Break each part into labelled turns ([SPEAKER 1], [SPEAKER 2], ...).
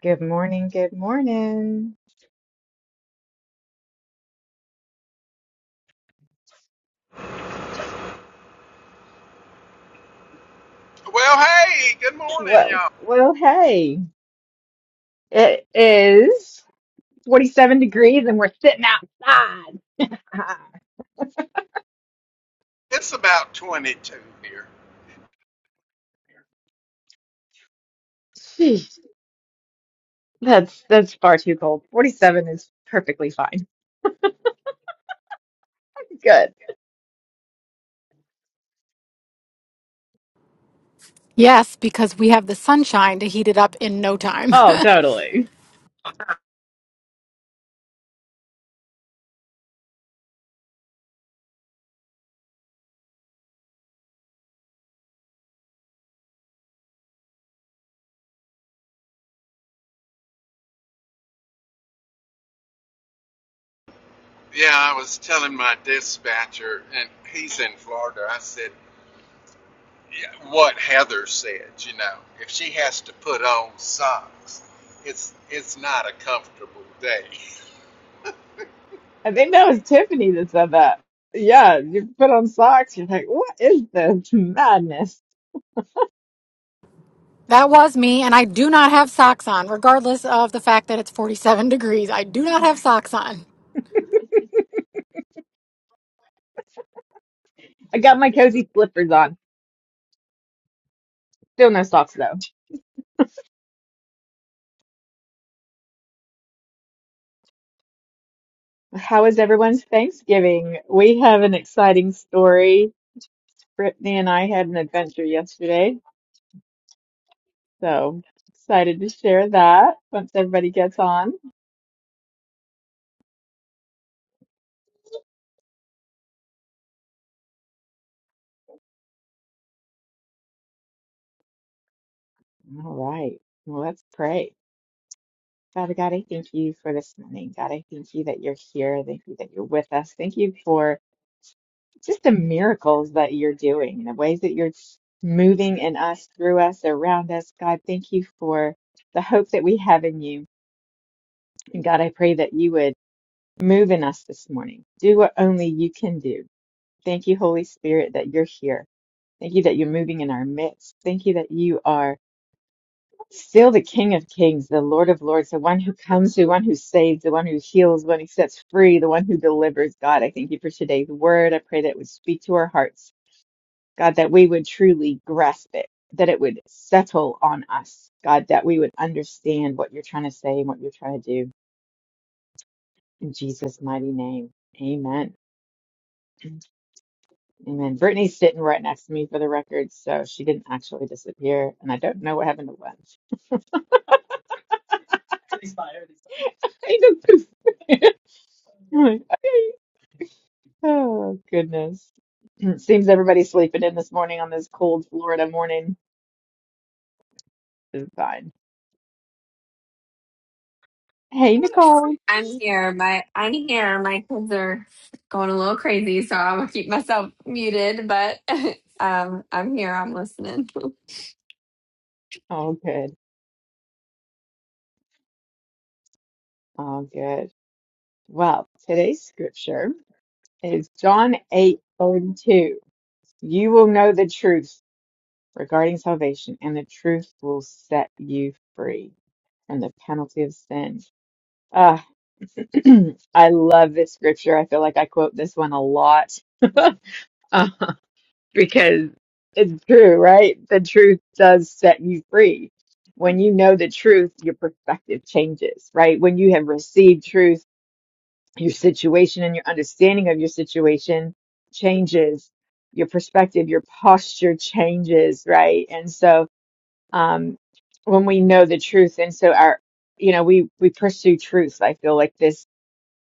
[SPEAKER 1] Good morning. Good morning.
[SPEAKER 2] Well, hey, good morning,
[SPEAKER 1] Well,
[SPEAKER 2] y'all.
[SPEAKER 1] well, hey, it is 47 degrees and we're sitting outside. Ah,
[SPEAKER 2] It's about 22 here.
[SPEAKER 1] Jeez, that's that's far too cold. 47 is perfectly fine. Good.
[SPEAKER 3] Yes, because we have the sunshine to heat it up in no time.
[SPEAKER 1] Oh, totally.
[SPEAKER 2] Yeah, I was telling my dispatcher, and he's in Florida. I said, yeah, what Heather said, you know, if she has to put on socks, it's it's not a comfortable day.
[SPEAKER 1] I think that was Tiffany that said that. Yeah, you put on socks, you're like, what is this madness?
[SPEAKER 3] that was me, and I do not have socks on, regardless of the fact that it's 47 degrees. I do not have socks on.
[SPEAKER 1] I got my cozy slippers on. Still no socks though. How is everyone's Thanksgiving? We have an exciting story Brittany and I had an adventure yesterday, so excited to share that once everybody gets on. All right, well, let's pray. Father God, I thank you for this morning. God, I thank you that you're here. Thank you that you're with us. Thank you for just the miracles that you're doing and the ways that you're moving in us, through us, around us. God, thank you for the hope that we have in you. And God, I pray that you would move in us this morning. Do what only you can do. Thank you, Holy Spirit, that you're here. Thank you that you're moving in our midst. Thank you that you are still the King of Kings, the Lord of Lords, the one who comes, the one who saves, the one who heals, the one who sets free, the one who delivers. God, I thank you for today's word. I pray that it would speak to our hearts. God, that we would truly grasp it, that it would settle on us. God, that we would understand what you're trying to say and what you're trying to do. In Jesus' mighty name, amen. Amen. Brittany's sitting right next to me for the record, so she didn't actually disappear, and I don't know what happened to Len. I just, I'm like, okay. Oh, goodness. Seems everybody's sleeping in this morning on this cold Florida morning. This is fine. Hey, Nicole.
[SPEAKER 4] I'm here. My I'm here. My kids are going a little crazy, so I'm gonna keep myself muted. But um, I'm here. I'm listening.
[SPEAKER 1] All good. All good. Well, today's scripture is John 8, 32. You will know the truth regarding salvation, and the truth will set you free from the penalty of sin. Ah, I love this scripture. I feel like I quote this one a lot. because it's true, right? The truth does set you free. When you know the truth, your perspective changes, right? When you have received truth, your situation and your understanding of your situation changes. Your perspective, your posture changes, right? And so, um, when we know the truth, and so our, you know, we we pursue truth. I feel like this.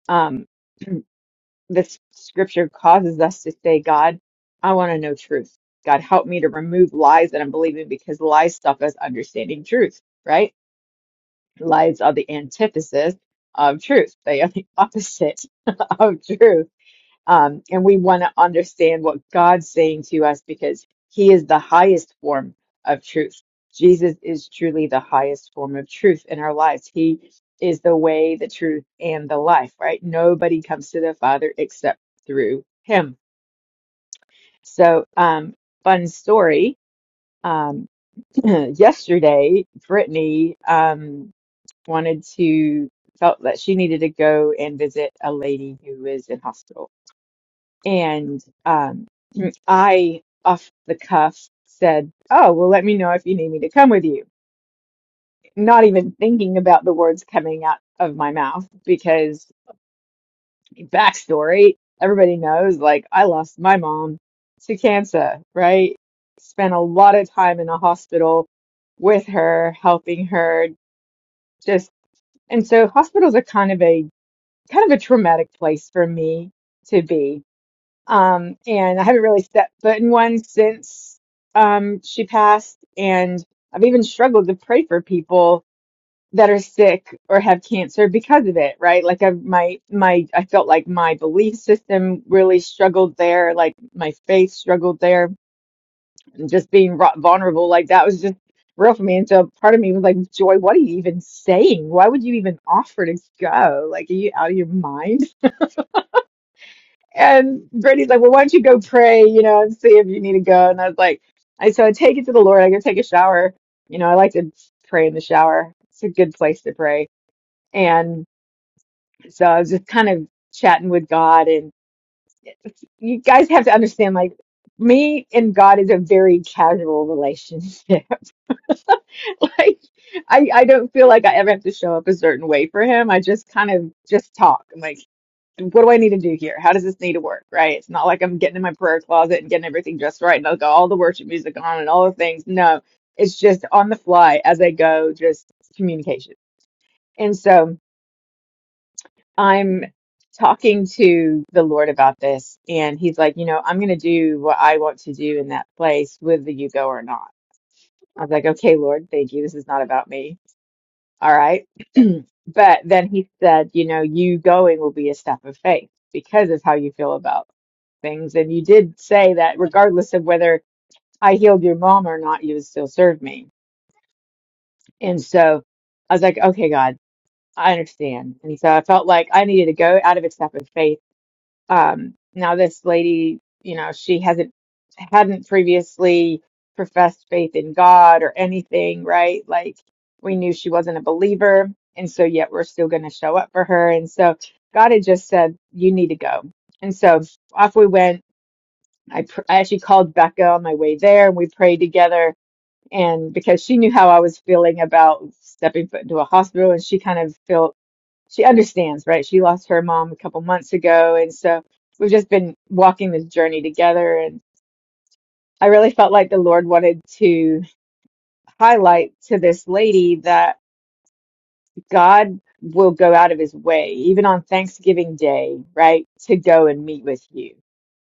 [SPEAKER 1] Um, this scripture causes us to say, God, I want to know truth. God, help me to remove lies that I'm believing because lies stop us understanding truth, right? Lies are the antithesis of truth. They are the opposite of truth. Um, and we want to understand what God's saying to us because He is the highest form of truth. Jesus is truly the highest form of truth in our lives. He is the way, the truth, and the life, right? Nobody comes to the Father except through Him. So, um, fun story. Um, yesterday, Brittany um, wanted to, felt that she needed to go and visit a lady who is in hospital and um, I, off the cuff, said, Oh, well, let me know if you need me to come with you. Not even thinking about the words coming out of my mouth because, backstory, everybody knows, like, I lost my mom to cancer, right? Spent a lot of time in a hospital with her, helping her, just, and so hospitals are kind of a, kind of a traumatic place for me to be Um, and I haven't really stepped foot in one since um, she passed. And I've even struggled to pray for people that are sick or have cancer because of it, right? Like I my my I felt like my belief system really struggled there, like my faith struggled there, and just being ru- vulnerable like that was just real for me. And so part of me was like, Joy, what are you even saying? Why would you even offer to go? Like, are you out of your mind? And Brady's like, well, why don't you go pray, you know, and see if you need to go. And I was like, I so I take it to the Lord. I go take a shower. You know, I like to pray in the shower. It's a good place to pray. And so I was just kind of chatting with God. And you guys have to understand, like, me and God is a very casual relationship. like, I I don't feel like I ever have to show up a certain way for Him. I just kind of just talk. what do I need to do here? How does this need to work? Right? It's not like I'm getting in my prayer closet and getting everything just right and I've got all the worship music on and all the things. No, it's just on the fly as I go, just communication. And so I'm talking to the Lord about this, and He's like, you know, I'm going to do what I want to do in that place, whether you go or not. I was like, okay, Lord, thank you. This is not about me. All right. but then He said, you know, you going will be a step of faith because of how you feel about things. And you did say that regardless of whether I healed your mom or not, you would still serve me. And so I was like, okay, God, I understand. And so I felt like I needed to go out of a step of faith. Um, now this lady, you know, she hasn't hadn't previously professed faith in God or anything, right? Like we knew she wasn't a believer, and so yet we're still going to show up for her. And so God had just said, you need to go. And so off we went I, pr- I actually called Becca on my way there and we prayed together. And because she knew how I was feeling about stepping foot into a hospital, and she kind of felt she understands, right? She lost her mom a couple months ago. And so we've just been walking this journey together. And I really felt like the Lord wanted to highlight to this lady that God will go out of his way, even on Thanksgiving Day, right? To go and meet with you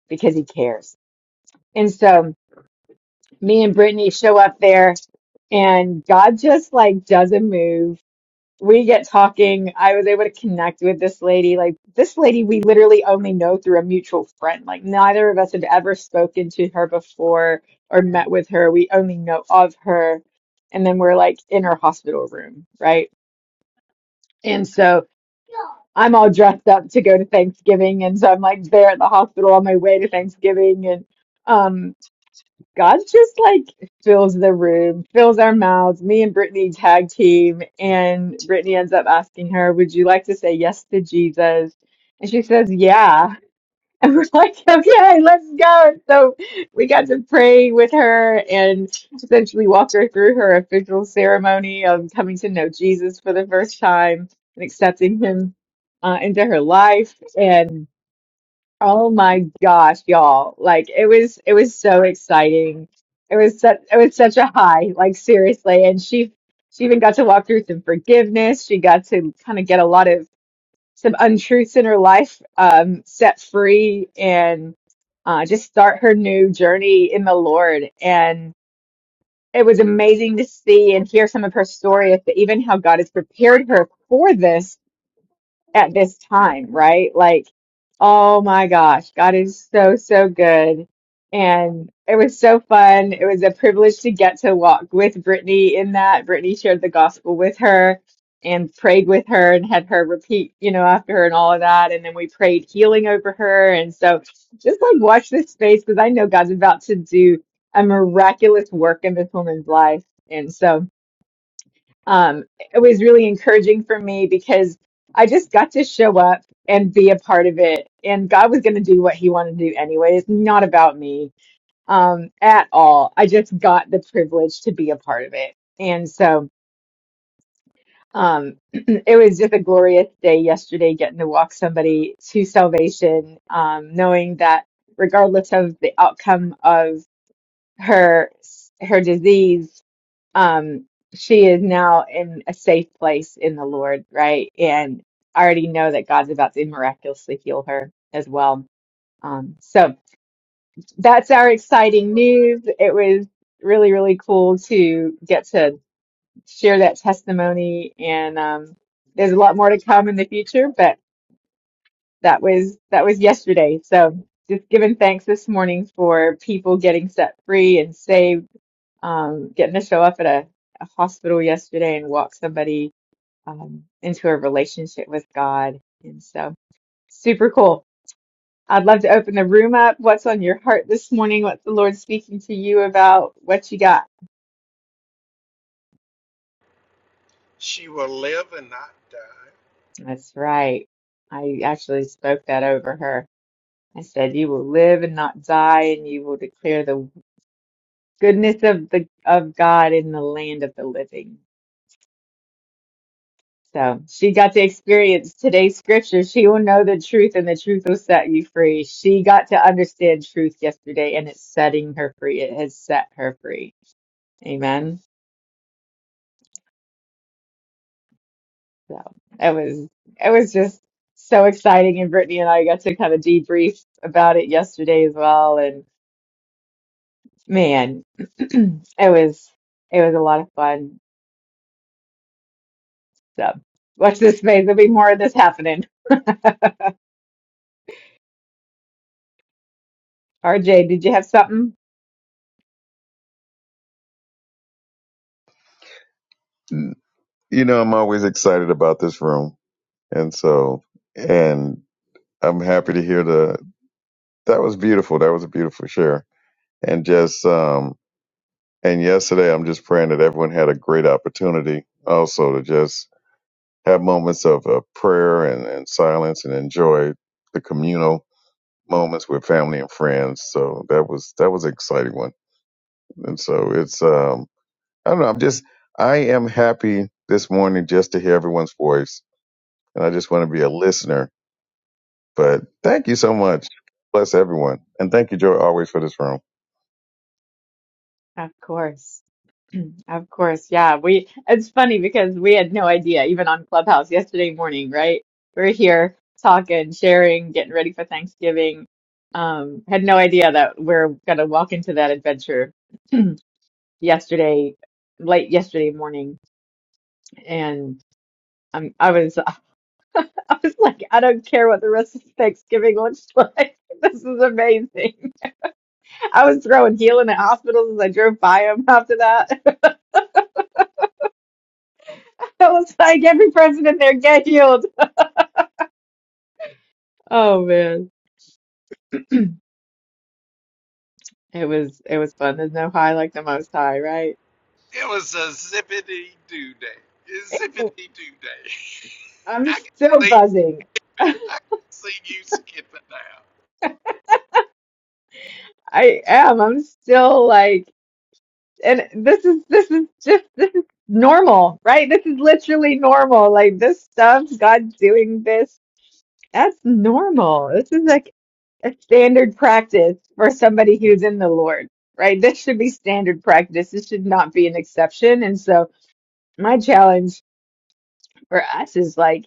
[SPEAKER 1] because he cares. And so, me and Brittany show up there, and God just like doesn't move. We get talking. I was able to connect with this lady. Like this lady, we literally only know through a mutual friend. Like neither of us have ever spoken to her before or met with her. We only know of her. And then we're like in her hospital room, right? And so I'm all dressed up to go to Thanksgiving. And so I'm like there at the hospital on my way to Thanksgiving. And um, God just like fills the room, fills our mouths. Me and Brittany tag team, and Brittany ends up asking her, Would you like to say yes to Jesus? And she says, Yeah. And we're like, Okay, let's go. So we got to pray with her and essentially walk her through her official ceremony of coming to know Jesus for the first time and accepting him uh, into her life. and. Oh my gosh, y'all. Like it was it was so exciting. It was such it was such a high, like seriously. And she she even got to walk through some forgiveness. She got to kind of get a lot of some untruths in her life um set free and uh just start her new journey in the Lord. And it was amazing to see and hear some of her story of the, even how God has prepared her for this at this time, right? Like, oh my gosh, God is so, so good. And it was so fun. It was a privilege to get to walk with Brittany in that. Brittany shared the gospel with her and prayed with her and had her repeat, you know, after her and all of that. And then we prayed healing over her. And so just like watch this space because I know God's about to do a miraculous work in this woman's life. And so um, it was really encouraging for me because I just got to show up and be a part of it. And God was going to do what He wanted to do anyway. It's not about me um, at all. I just got the privilege to be a part of it. And so um, it was just a glorious day yesterday getting to walk somebody to salvation, um, knowing that regardless of the outcome of her her disease um she is now in a safe place in the Lord, right? And I already know that God's about to miraculously heal her as well. Um, so that's our exciting news. It was really, really cool to get to share that testimony, and um, there's a lot more to come in the future, but that was that was yesterday. So just giving thanks this morning for people getting set free and saved, um, getting to show up at a, a hospital yesterday and walk somebody um, into a relationship with God. And so, super cool. I'd love to open the room up. What's on your heart this morning? What's the Lord speaking to you about? What you got?
[SPEAKER 2] She will live and not die.
[SPEAKER 1] That's right. I actually spoke that over her. I said, "You will live and not die, and you will declare the goodness of the of God in the land of the living." So she got to experience today's scripture. She will know the truth, and the truth will set you free. She got to understand truth yesterday, and it's setting her free. It has set her free. Amen. So it was it was just so exciting, and Brittany and I got to kind of debrief about it yesterday as well. And man, it was it was a lot of fun. So watch this space. There'll be more of this happening. RJ, did you have something?
[SPEAKER 5] you know, I'm always excited about this room. And so, and I'm happy to hear the, that was beautiful. That was a beautiful share. And just, um, and yesterday, I'm just praying that everyone had a great opportunity also to just have moments of uh, prayer and, and silence and enjoy the communal moments with family and friends. So that was, that was an exciting one. And so it's, um, I don't know. I'm just, I am happy this morning just to hear everyone's voice and I just want to be a listener. But thank you so much. Bless everyone. And thank you, Joy, always for this room.
[SPEAKER 1] Of course. Of course, yeah. We it's funny because we had no idea, even on Clubhouse yesterday morning, right? We're here talking, sharing, getting ready for Thanksgiving. Um, had no idea that we're gonna walk into that adventure yesterday, late yesterday morning. And um, I was I was like, I don't care what the rest of Thanksgiving looks like. This is amazing. I was throwing heel in the hospitals as I drove by them after that. It was like every president there get healed. Oh man, it was it was fun. There's no high like the most high, right?
[SPEAKER 2] It was a zippity doo day. Zippity doo day.
[SPEAKER 1] I'm
[SPEAKER 2] I can
[SPEAKER 1] still
[SPEAKER 2] see
[SPEAKER 1] buzzing.
[SPEAKER 2] you. I can see you skipping out.
[SPEAKER 1] I am. I'm still like, and this is this is just this is normal, right? This is literally normal. Like this stuff, God doing this, that's normal. This is like a standard practice for somebody who's in the Lord, right? This should be standard practice. This should not be an exception. And so my challenge. for us is like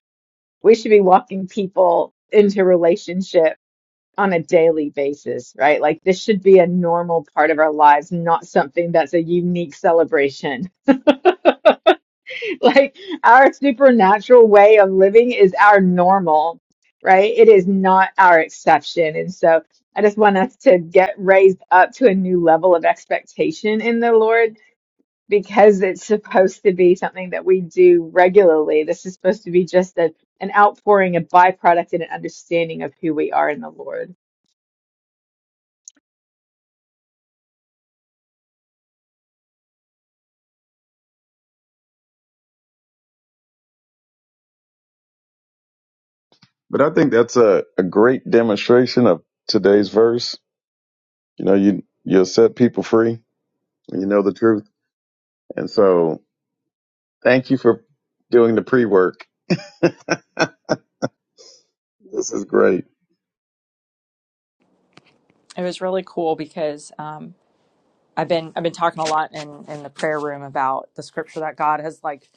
[SPEAKER 1] we should be walking people into relationship on a daily basis, right? Like this should be a normal part of our lives, not something that's a unique celebration. like our supernatural way of living is our normal, right? It is not our exception. And so I just want us to get raised up to a new level of expectation in the Lord because it's supposed to be something that we do regularly. This is supposed to be just a, an outpouring, a byproduct, and an understanding of who we are in the Lord.
[SPEAKER 5] But I think that's a, a great demonstration of today's verse. You know, you, you'll set people free when you know the truth. And so thank you for doing the pre work. This is great.
[SPEAKER 6] it was really cool because um, I've been I've been talking a lot in in the prayer room about the scripture that God has like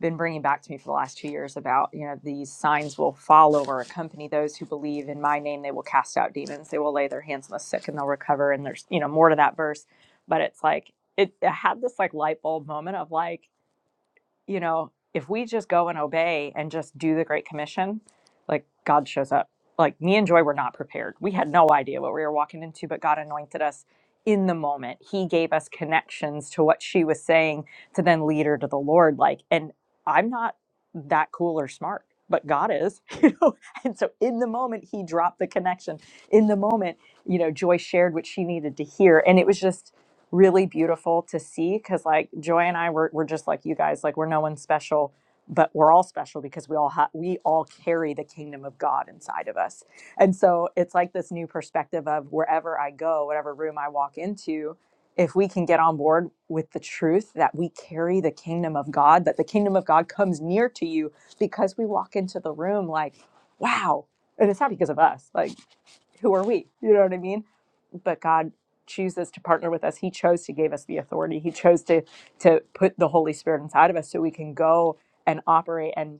[SPEAKER 6] been bringing back to me for the last two years about you know these signs will follow or accompany those who believe in my name they will cast out demons they will lay their hands on the sick and they'll recover and there's you know more to that verse but it's like it, it had this like light bulb moment of like you know, if we just go and obey and just do the Great Commission, like God shows up. Like me and Joy were not prepared. We had no idea what we were walking into, but God anointed us in the moment. He gave us connections to what she was saying to then lead her to the Lord. Like, and I'm not that cool or smart, but God is, you know. And so in the moment, He dropped the connection. In the moment, you know, Joy shared what she needed to hear. And it was just, really beautiful to see because like joy and i were, we're just like you guys like we're no one special but we're all special because we all ha- we all carry the kingdom of god inside of us and so it's like this new perspective of wherever i go whatever room i walk into if we can get on board with the truth that we carry the kingdom of god that the kingdom of god comes near to you because we walk into the room like wow and it's not because of us like who are we you know what i mean but God chooses to partner with us. He chose to give us the authority. He chose to to put the Holy Spirit inside of us so we can go and operate and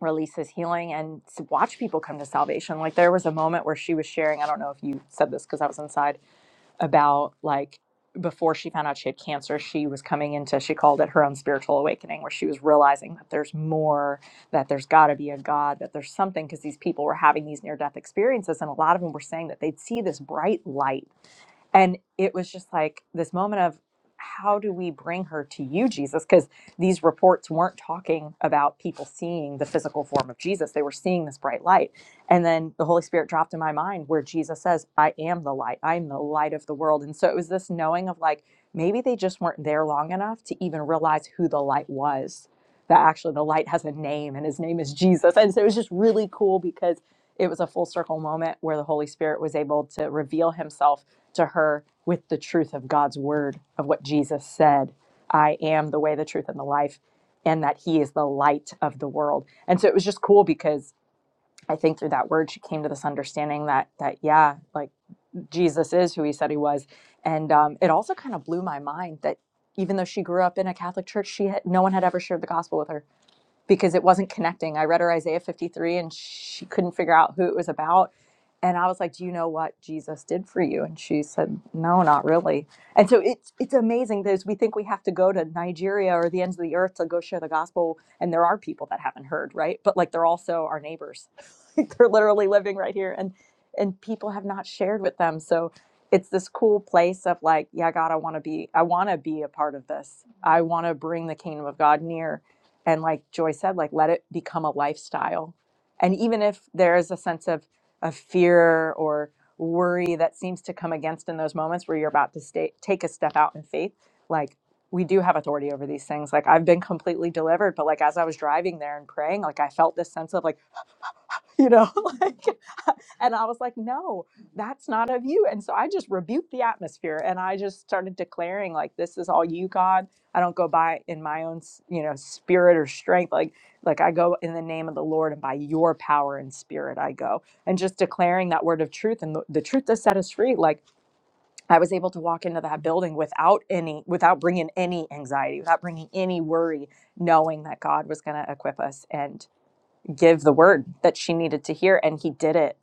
[SPEAKER 6] release his healing and s- watch people come to salvation. Like there was a moment where she was sharing, I don't know if you said this because I was inside, about like before she found out she had cancer, she was coming into, she called it her own spiritual awakening, where she was realizing that there's more, that there's got to be a God, that there's something, because these people were having these near death experiences. And a lot of them were saying that they'd see this bright light and it was just like this moment of how do we bring her to you, Jesus? Because these reports weren't talking about people seeing the physical form of Jesus, they were seeing this bright light. And then the Holy Spirit dropped in my mind where Jesus says, I am the light, I'm the light of the world. And so it was this knowing of like, maybe they just weren't there long enough to even realize who the light was that actually the light has a name and his name is Jesus. And so it was just really cool because it was a full circle moment where the Holy Spirit was able to reveal himself to her with the truth of God's word, of what Jesus said I am the way, the truth, and the life, and that he is the light of the world. And so it was just cool because. I think through that word, she came to this understanding that that yeah, like Jesus is who he said he was, and um, it also kind of blew my mind that even though she grew up in a Catholic church, she had, no one had ever shared the gospel with her because it wasn't connecting. I read her Isaiah 53 and she couldn't figure out who it was about. And I was like, "Do you know what Jesus did for you?" And she said, "No, not really." And so it's it's amazing that we think we have to go to Nigeria or the ends of the earth to go share the gospel, and there are people that haven't heard, right? But like they're also our neighbors. Like, they're literally living right here, and and people have not shared with them. So it's this cool place of like, yeah, God, I want to be, I want to be a part of this. I want to bring the kingdom of God near and like joy said like let it become a lifestyle and even if there is a sense of of fear or worry that seems to come against in those moments where you're about to stay, take a step out in faith like we do have authority over these things like i've been completely delivered but like as i was driving there and praying like i felt this sense of like you know like and i was like no that's not of you and so i just rebuked the atmosphere and i just started declaring like this is all you god i don't go by in my own s- you know spirit or strength like like i go in the name of the lord and by your power and spirit i go and just declaring that word of truth and the, the truth that set us free like i was able to walk into that building without any without bringing any anxiety without bringing any worry knowing that god was going to equip us and give the word that she needed to hear and he did it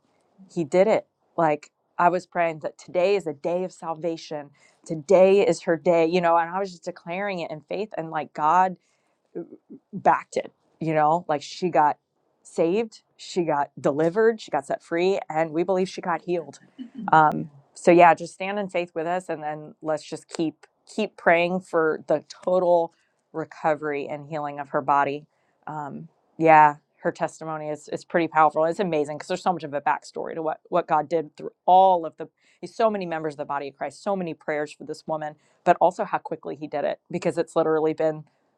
[SPEAKER 6] he did it like i was praying that today is a day of salvation today is her day you know and i was just declaring it in faith and like god backed it you know like she got saved she got delivered she got set free and we believe she got healed um, so yeah just stand in faith with us and then let's just keep keep praying for the total recovery and healing of her body um, yeah her testimony is, is pretty powerful it's amazing because there's so much of a backstory to what, what god did through all of the so many members of the body of christ so many prayers for this woman but also how quickly he did it because it's literally been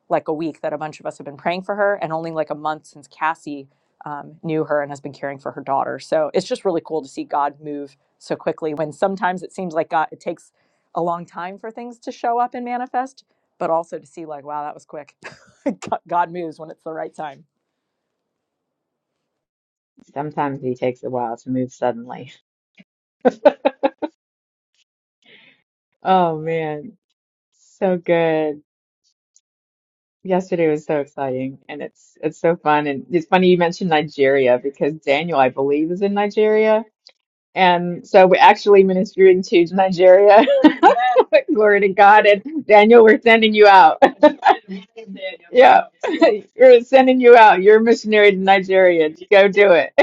[SPEAKER 6] like a week that a bunch of us have been praying for her, and only like a month since Cassie um, knew her and has been caring for her daughter. So it's just really cool to see God move so quickly when sometimes it seems like God, it takes a long time for things to show up and manifest, but also to see, like, wow, that was quick. God moves when it's the right time.
[SPEAKER 1] Sometimes He takes a while to move suddenly. Oh man, so good. Yesterday was so exciting, and it's it's so fun. And it's funny you mentioned Nigeria because Daniel, I believe, is in Nigeria. And so we're actually ministering to Nigeria. Glory to God. And Daniel, we're sending you out. Yeah. We're sending you out. You're a missionary to Nigeria. Go do it.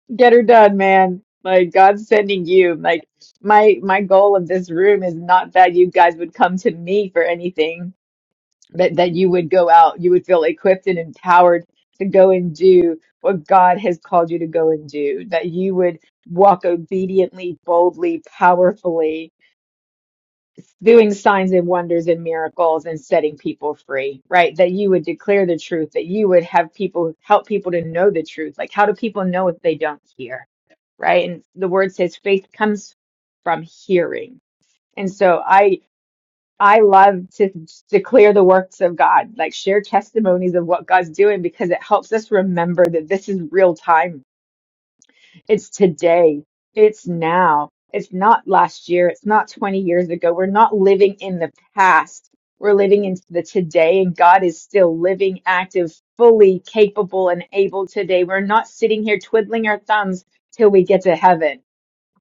[SPEAKER 1] Get her done, man. Like God's sending you. Like my my goal of this room is not that you guys would come to me for anything, but that you would go out. You would feel equipped and empowered to go and do what God has called you to go and do. That you would walk obediently, boldly, powerfully doing signs and wonders and miracles and setting people free, right? That you would declare the truth, that you would have people help people to know the truth. Like, how do people know if they don't hear, right? And the word says faith comes from hearing. And so I, I love to declare the works of God, like share testimonies of what God's doing because it helps us remember that this is real time it's today. It's now. It's not last year. It's not 20 years ago. We're not living in the past. We're living in the today, and God is still living, active, fully capable, and able today. We're not sitting here twiddling our thumbs till we get to heaven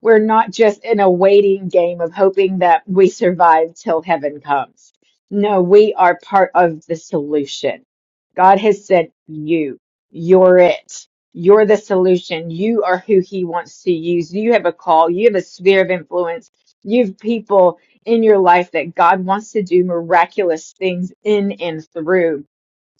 [SPEAKER 1] we're not just in a waiting game of hoping that we survive till heaven comes. No, we are part of the solution. God has said, You, you're it. You're the solution. You are who He wants to use. You have a call. You have a sphere of influence. You have people in your life that God wants to do miraculous things in and through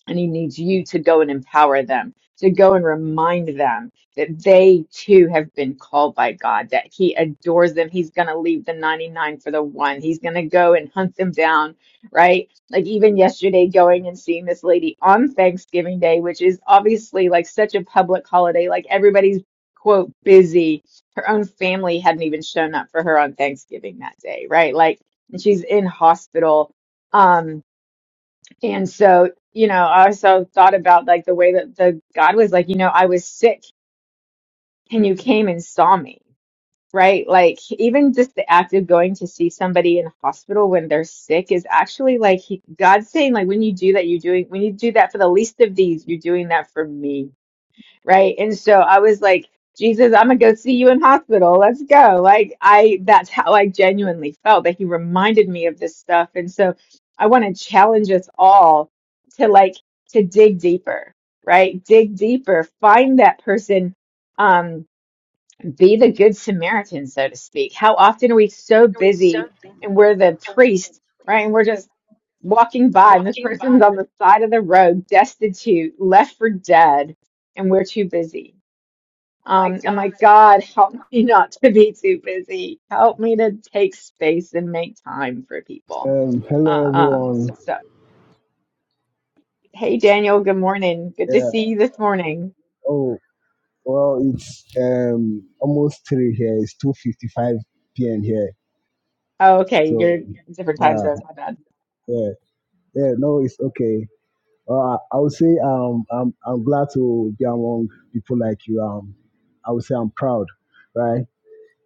[SPEAKER 1] and he needs you to go and empower them, to go and remind them that they too have been called by God, that he adores them. He's going to leave the 99 for the one. He's going to go and hunt them down, right? Like even yesterday, going and seeing this lady on Thanksgiving Day, which is obviously like such a public holiday, like everybody's quote busy. Her own family hadn't even shown up for her on Thanksgiving that day, right? Like, and she's in hospital. Um, and so, you know, I also thought about like the way that the God was like, you know, I was sick and you came and saw me, right? Like even just the act of going to see somebody in hospital when they're sick is actually like he, God's saying like when you do that, you're doing when you do that for the least of these, you're doing that for me right? And so I was like, Jesus, I'm gonna go see you in hospital. Let's go. Like I that's how I genuinely felt that he reminded me of this stuff. And so I want to challenge us all to like to dig deeper, right? Dig deeper, find that person. Um, be the good Samaritan, so to speak. How often are we so busy and we're the priest, right? And we're just walking by, and this person's on the side of the road, destitute, left for dead, and we're too busy. Um, I'm like, God, help me not to be too busy. Help me to take space and make time for people.
[SPEAKER 7] Um, hello
[SPEAKER 1] Um,
[SPEAKER 7] everyone.
[SPEAKER 1] so, hey, Daniel, good morning. Good to
[SPEAKER 7] Yeah.
[SPEAKER 1] see you this morning.
[SPEAKER 7] Oh, well, it's um almost three here. It's two fifty-five p.m. here.
[SPEAKER 1] Oh, okay,
[SPEAKER 7] So
[SPEAKER 1] you're different time
[SPEAKER 7] yeah,
[SPEAKER 1] zone. My bad.
[SPEAKER 7] yeah, yeah. No, it's okay. Uh, I would say um I'm I'm glad to be among people like you. Um, I would say I'm proud, right?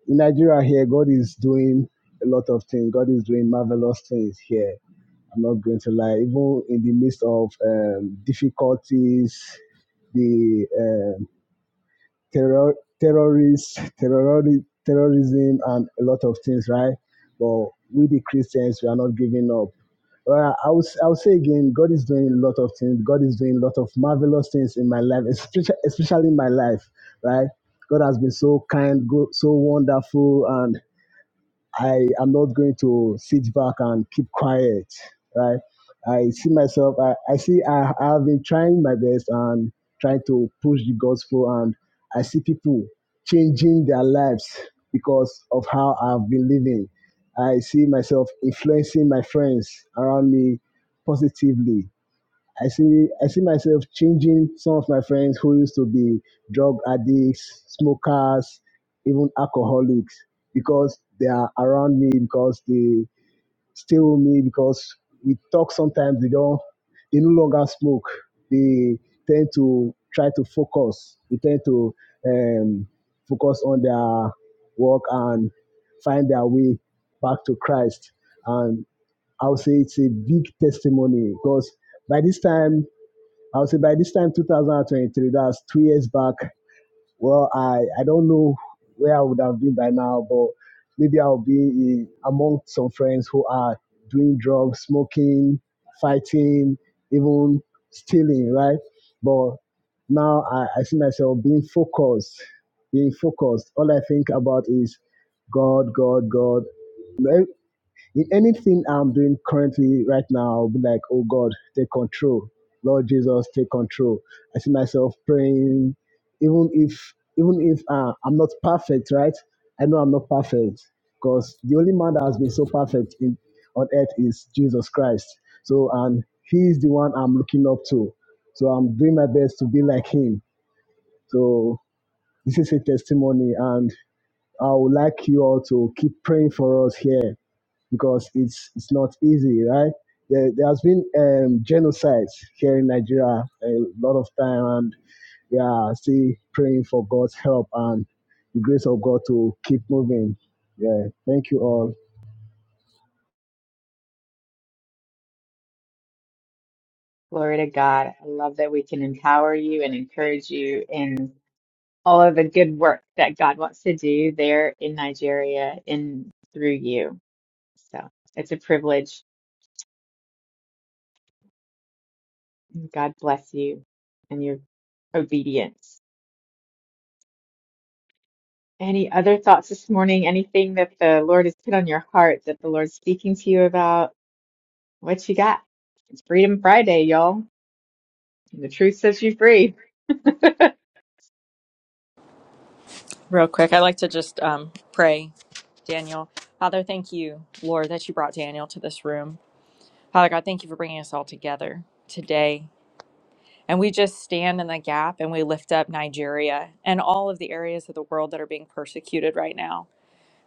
[SPEAKER 7] In Nigeria here, God is doing a lot of things. God is doing marvelous things here. I'm not going to lie. Even in the midst of um, difficulties, the um, terror, terrorists, terrori- terrorism, and a lot of things, right? But we, the Christians, we are not giving up. Well, I will, I will say again, God is doing a lot of things. God is doing a lot of marvelous things in my life, especially, especially in my life, right? God has been so kind, go- so wonderful, and I am not going to sit back and keep quiet, right? I see myself, I, I see I, I have been trying my best and trying to push the gospel, and I see people changing their lives because of how I've been living. I see myself influencing my friends around me positively I see I see myself changing some of my friends who used to be drug addicts, smokers, even alcoholics because they are around me because they stay with me because we talk sometimes they don't they no longer smoke. They tend to try to focus. They tend to um, focus on their work and find their way back to Christ. And I would say it's a big testimony because by this time I would say by this time, 2023, that's two years back. Well, I, I don't know where I would have been by now, but maybe I'll be in, among some friends who are doing drugs, smoking, fighting, even stealing, right? But now I, I see myself being focused, being focused. All I think about is God, God, God. In anything I'm doing currently right now, I'll be like, oh God, take control. Lord Jesus, take control. I see myself praying, even if even if uh, I'm not perfect, right? I know I'm not perfect because the only man that has been so perfect in, on earth is Jesus Christ. So, and He is the one I'm looking up to. So, I'm doing my best to be like Him. So, this is a testimony, and I would like you all to keep praying for us here because it's it's not easy, right? There, there has been um, genocides here in Nigeria a lot of time, and we are still praying for God's help and the grace of God to keep moving. Yeah, thank you all.
[SPEAKER 1] Glory to God. I love that we can empower you and encourage you in all of the good work that God wants to do there in Nigeria and through you. So it's a privilege. God bless you and your obedience. Any other thoughts this morning? Anything that the Lord has put on your heart that the Lord's speaking to you about? What you got? It's Freedom Friday, y'all. the truth sets you free.
[SPEAKER 6] Real quick, I like to just um, pray, Daniel. Father, thank you, Lord, that you brought Daniel to this room. Father God, thank you for bringing us all together today And we just stand in the gap and we lift up Nigeria and all of the areas of the world that are being persecuted right now.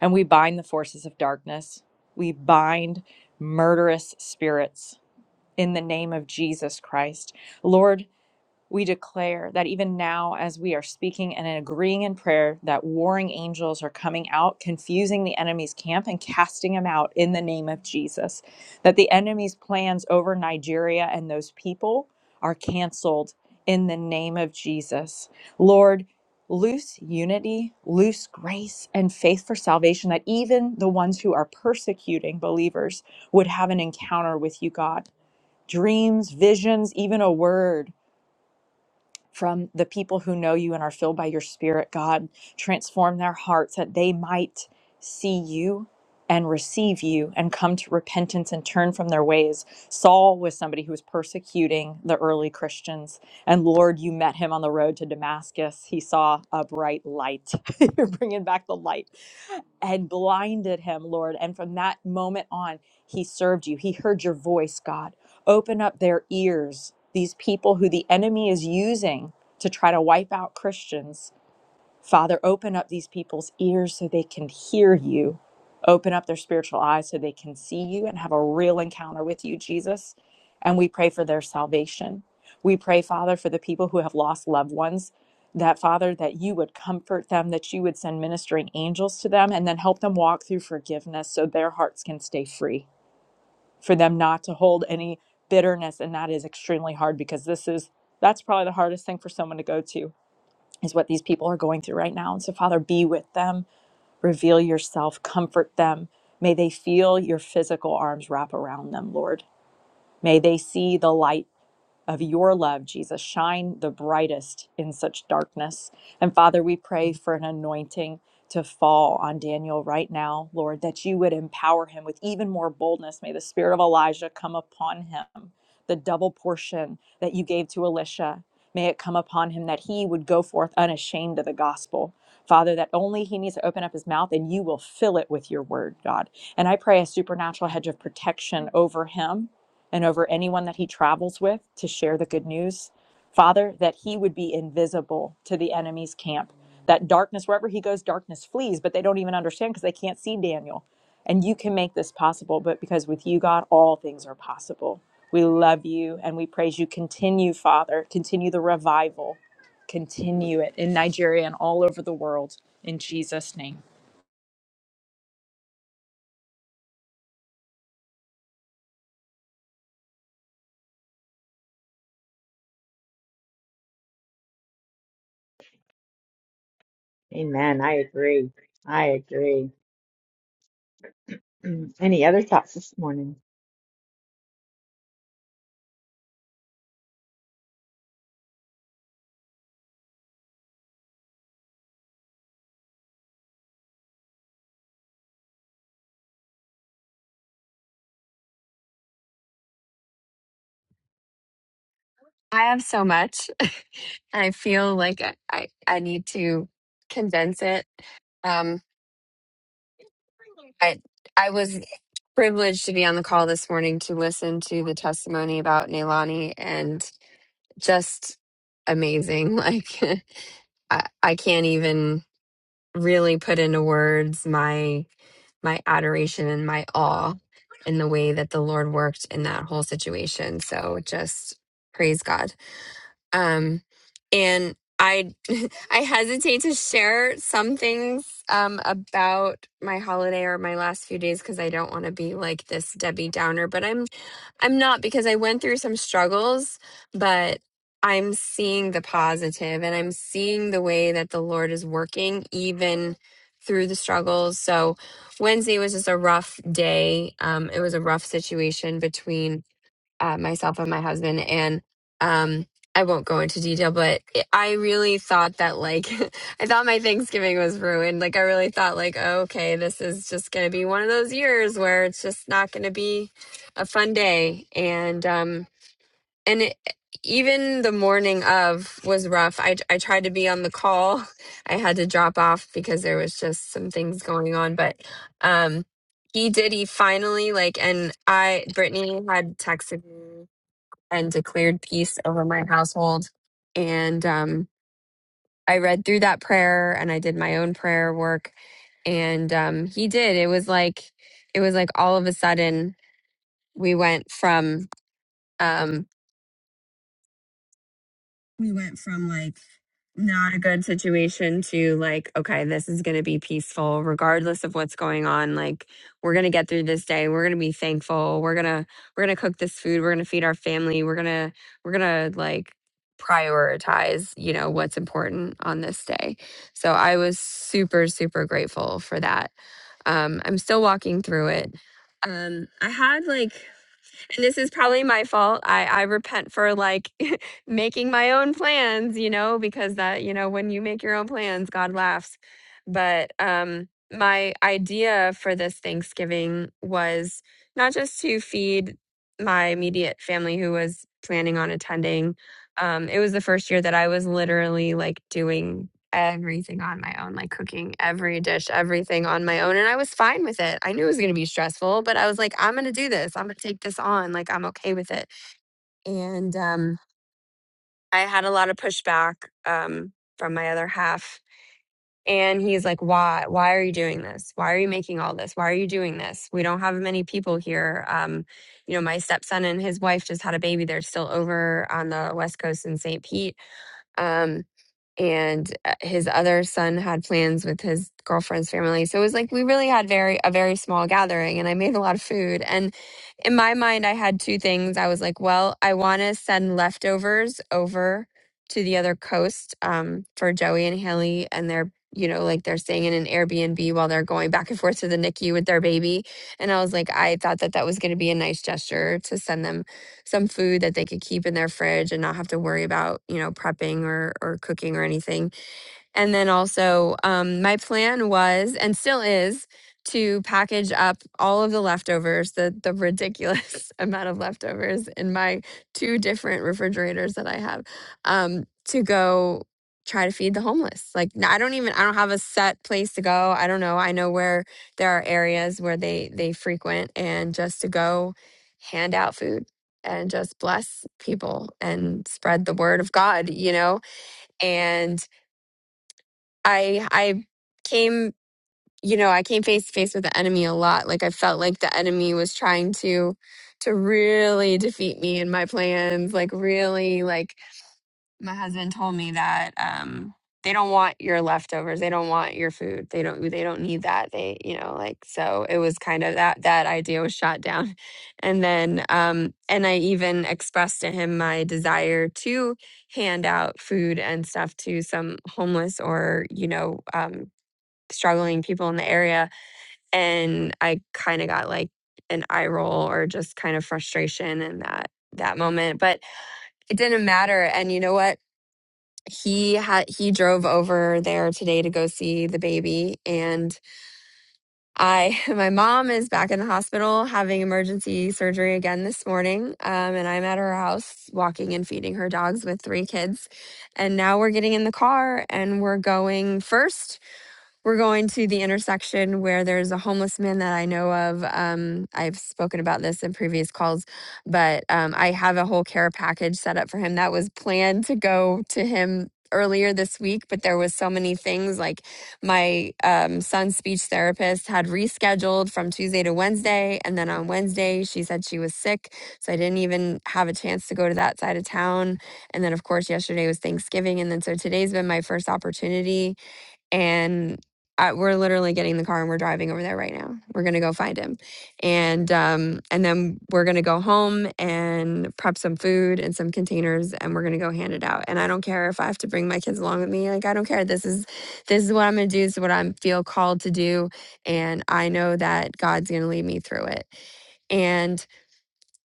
[SPEAKER 6] And we bind the forces of darkness. We bind murderous spirits in the name of Jesus Christ. Lord, we declare that even now, as we are speaking and agreeing in prayer, that warring angels are coming out, confusing the enemy's camp and casting him out in the name of Jesus. That the enemy's plans over Nigeria and those people are canceled in the name of Jesus. Lord, loose unity, loose grace, and faith for salvation, that even the ones who are persecuting believers would have an encounter with you, God. Dreams, visions, even a word from the people who know you and are filled by your spirit, God. Transform their hearts that they might see you and receive you and come to repentance and turn from their ways. Saul was somebody who was persecuting the early Christians. And Lord, you met him on the road to Damascus. He saw a bright light. You're bringing back the light had blinded him, Lord. And from that moment on, he served you. He heard your voice, God. Open up their ears, these people who the enemy is using to try to wipe out Christians Father, open up these people's ears so they can hear you. Open up their spiritual eyes so they can see you and have a real encounter with you, Jesus. And we pray for their salvation. We pray, Father, for the people who have lost loved ones, that, Father, that you would comfort them, that you would send ministering angels to them, and then help them walk through forgiveness so their hearts can stay free, for them not to hold any bitterness. And that is extremely hard because this is, that's probably the hardest thing for someone to go to is what these people are going through right now. And so, Father, be with them, reveal yourself, comfort them. May they feel your physical arms wrap around them, Lord. May they see the light of your love, Jesus. Shine the brightest in such darkness. And Father, we pray for an anointing to fall on Daniel right now, Lord, that you would empower him with even more boldness. May the spirit of Elijah come upon him, the double portion that you gave to Elisha. May it come upon him that he would go forth unashamed of the gospel. Father, that only he needs to open up his mouth and you will fill it with your word, God. And I pray a supernatural hedge of protection over him and over anyone that he travels with to share the good news. Father, that he would be invisible to the enemy's camp. That darkness, wherever he goes, darkness flees, but they don't even understand because they can't see Daniel. And you can make this possible, but because with you, God, all things are possible. We love you and we praise you. Continue, Father. Continue the revival. Continue it in Nigeria and all over the world in Jesus' name.
[SPEAKER 1] Amen. I agree. I agree. Any other thoughts this morning?
[SPEAKER 4] I have so much. I feel like I I, I need to condense it. Um, I I was privileged to be on the call this morning to listen to the testimony about Nailani and just amazing. Like I, I can't even. really put into words my my adoration and my awe in the way that the Lord worked in that whole situation. So just praise God. Um and I I hesitate to share some things um about my holiday or my last few days because I don't want to be like this Debbie Downer, but I'm I'm not because I went through some struggles, but I'm seeing the positive and I'm seeing the way that the Lord is working even through the struggles. So Wednesday was just a rough day. Um, it was a rough situation between at myself and my husband and um I won't go into detail but it- I really thought that like I thought my Thanksgiving was ruined like I really thought like oh, okay this is just going to be one of those years where it's just not going to be a fun day and um and it, even the morning of was rough I I tried to be on the call I had to drop off because there was just some things going on but um he did he finally like and i brittany had texted me and declared peace over my household. And um, I read through that prayer and I did my own prayer work. And um, he did. It was like, it was like all of a sudden we went from um, we went from like not a good situation to like okay this is going to be peaceful regardless of what's going on like we're going to get through this day we're going to be thankful we're going to we're going to cook this food we're going to feed our family we're going to we're going to like prioritize you know what's important on this day so i was super super grateful for that um i'm still walking through it um i had like and this is probably my fault. I, I repent for like making my own plans, you know, because that, you know, when you make your own plans, God laughs. But um my idea for this Thanksgiving was not just to feed my immediate family who was planning on attending. Um, it was the first year that I was literally like doing everything on my own, like cooking every dish, everything on my own. And I was fine with it. I knew it was going to be stressful, but I was like, I'm going to do this. I'm going to take this on. Like, I'm okay with it. And um, I had a lot of pushback um, from my other half. And he's like, why? Why are you doing this? Why are you making all this? Why are you doing this? We don't have many people here. Um, you know, my stepson and his wife just had a baby. They're still over on the West Coast in St. Pete. Um, and uh, his other son had plans with his girlfriend's family. So it was like we really had very a very small gathering and I made a lot of food. And in my mind I had two things. I was like, well, I want to send leftovers over to the other coast um for Joey and Haley and they're you know, like they're staying in an Airbnb while they're going back and forth to the NICU with their baby. And I was like, I thought that that was going to be a nice gesture to send them some food that they could keep in their fridge and not have to worry about, you know, prepping or or cooking or anything. And then also, um, my plan was and still is to package up all of the leftovers, the the ridiculous amount of leftovers in my two different refrigerators that I have, um, to go try to feed the homeless. Like n- I don't even I don't have a set place to go. I don't know. I know where there are areas where they they frequent and just to go hand out food and just bless people and spread the word of God, you know? And I I came, you know, I came face to face with the enemy a lot. Like I felt like the enemy was trying to to really defeat me and my plans. Like really, like my husband told me that um they don't want your leftovers. They don't want your food. They don't they don't need that. They, you know, like so it was kind of that that idea was shot down. And then um and I even expressed to him my desire to hand out food and stuff to some homeless or you know um, struggling people in the area. And I kind of got like an eye roll or just kind of frustration in that that moment. But it didn't matter. And you know what? He had he drove over there today to go see the baby and I my mom is back in the hospital having emergency surgery again this morning. Um and I'm at her house walking and feeding her dogs with three kids. And now we're getting in the car and we're going first we're going to the intersection where there's a homeless man that I know of. Um, I've spoken about this in previous calls, but um, I have a whole care package set up for him that was planned to go to him earlier this week but there was so many things like my um, son's speech therapist had rescheduled from tuesday to wednesday and then on wednesday she said she was sick so i didn't even have a chance to go to that side of town and then of course yesterday was thanksgiving and then so today's been my first opportunity and I, we're literally getting in the car and we're driving over there right now. We're gonna go find him, and um, and then we're gonna go home and prep some food and some containers, and we're gonna go hand it out. And I don't care if I have to bring my kids along with me. Like I don't care. This is this is what I'm gonna do. This is what I feel called to do, and I know that God's gonna lead me through it. And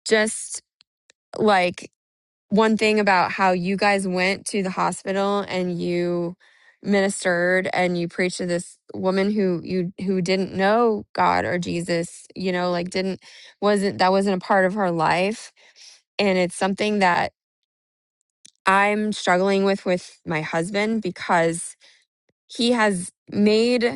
[SPEAKER 4] just like one thing about how you guys went to the hospital and you ministered and you preached to this woman who you who didn't know God or Jesus, you know, like didn't wasn't that wasn't a part of her life and it's something that I'm struggling with with my husband because he has made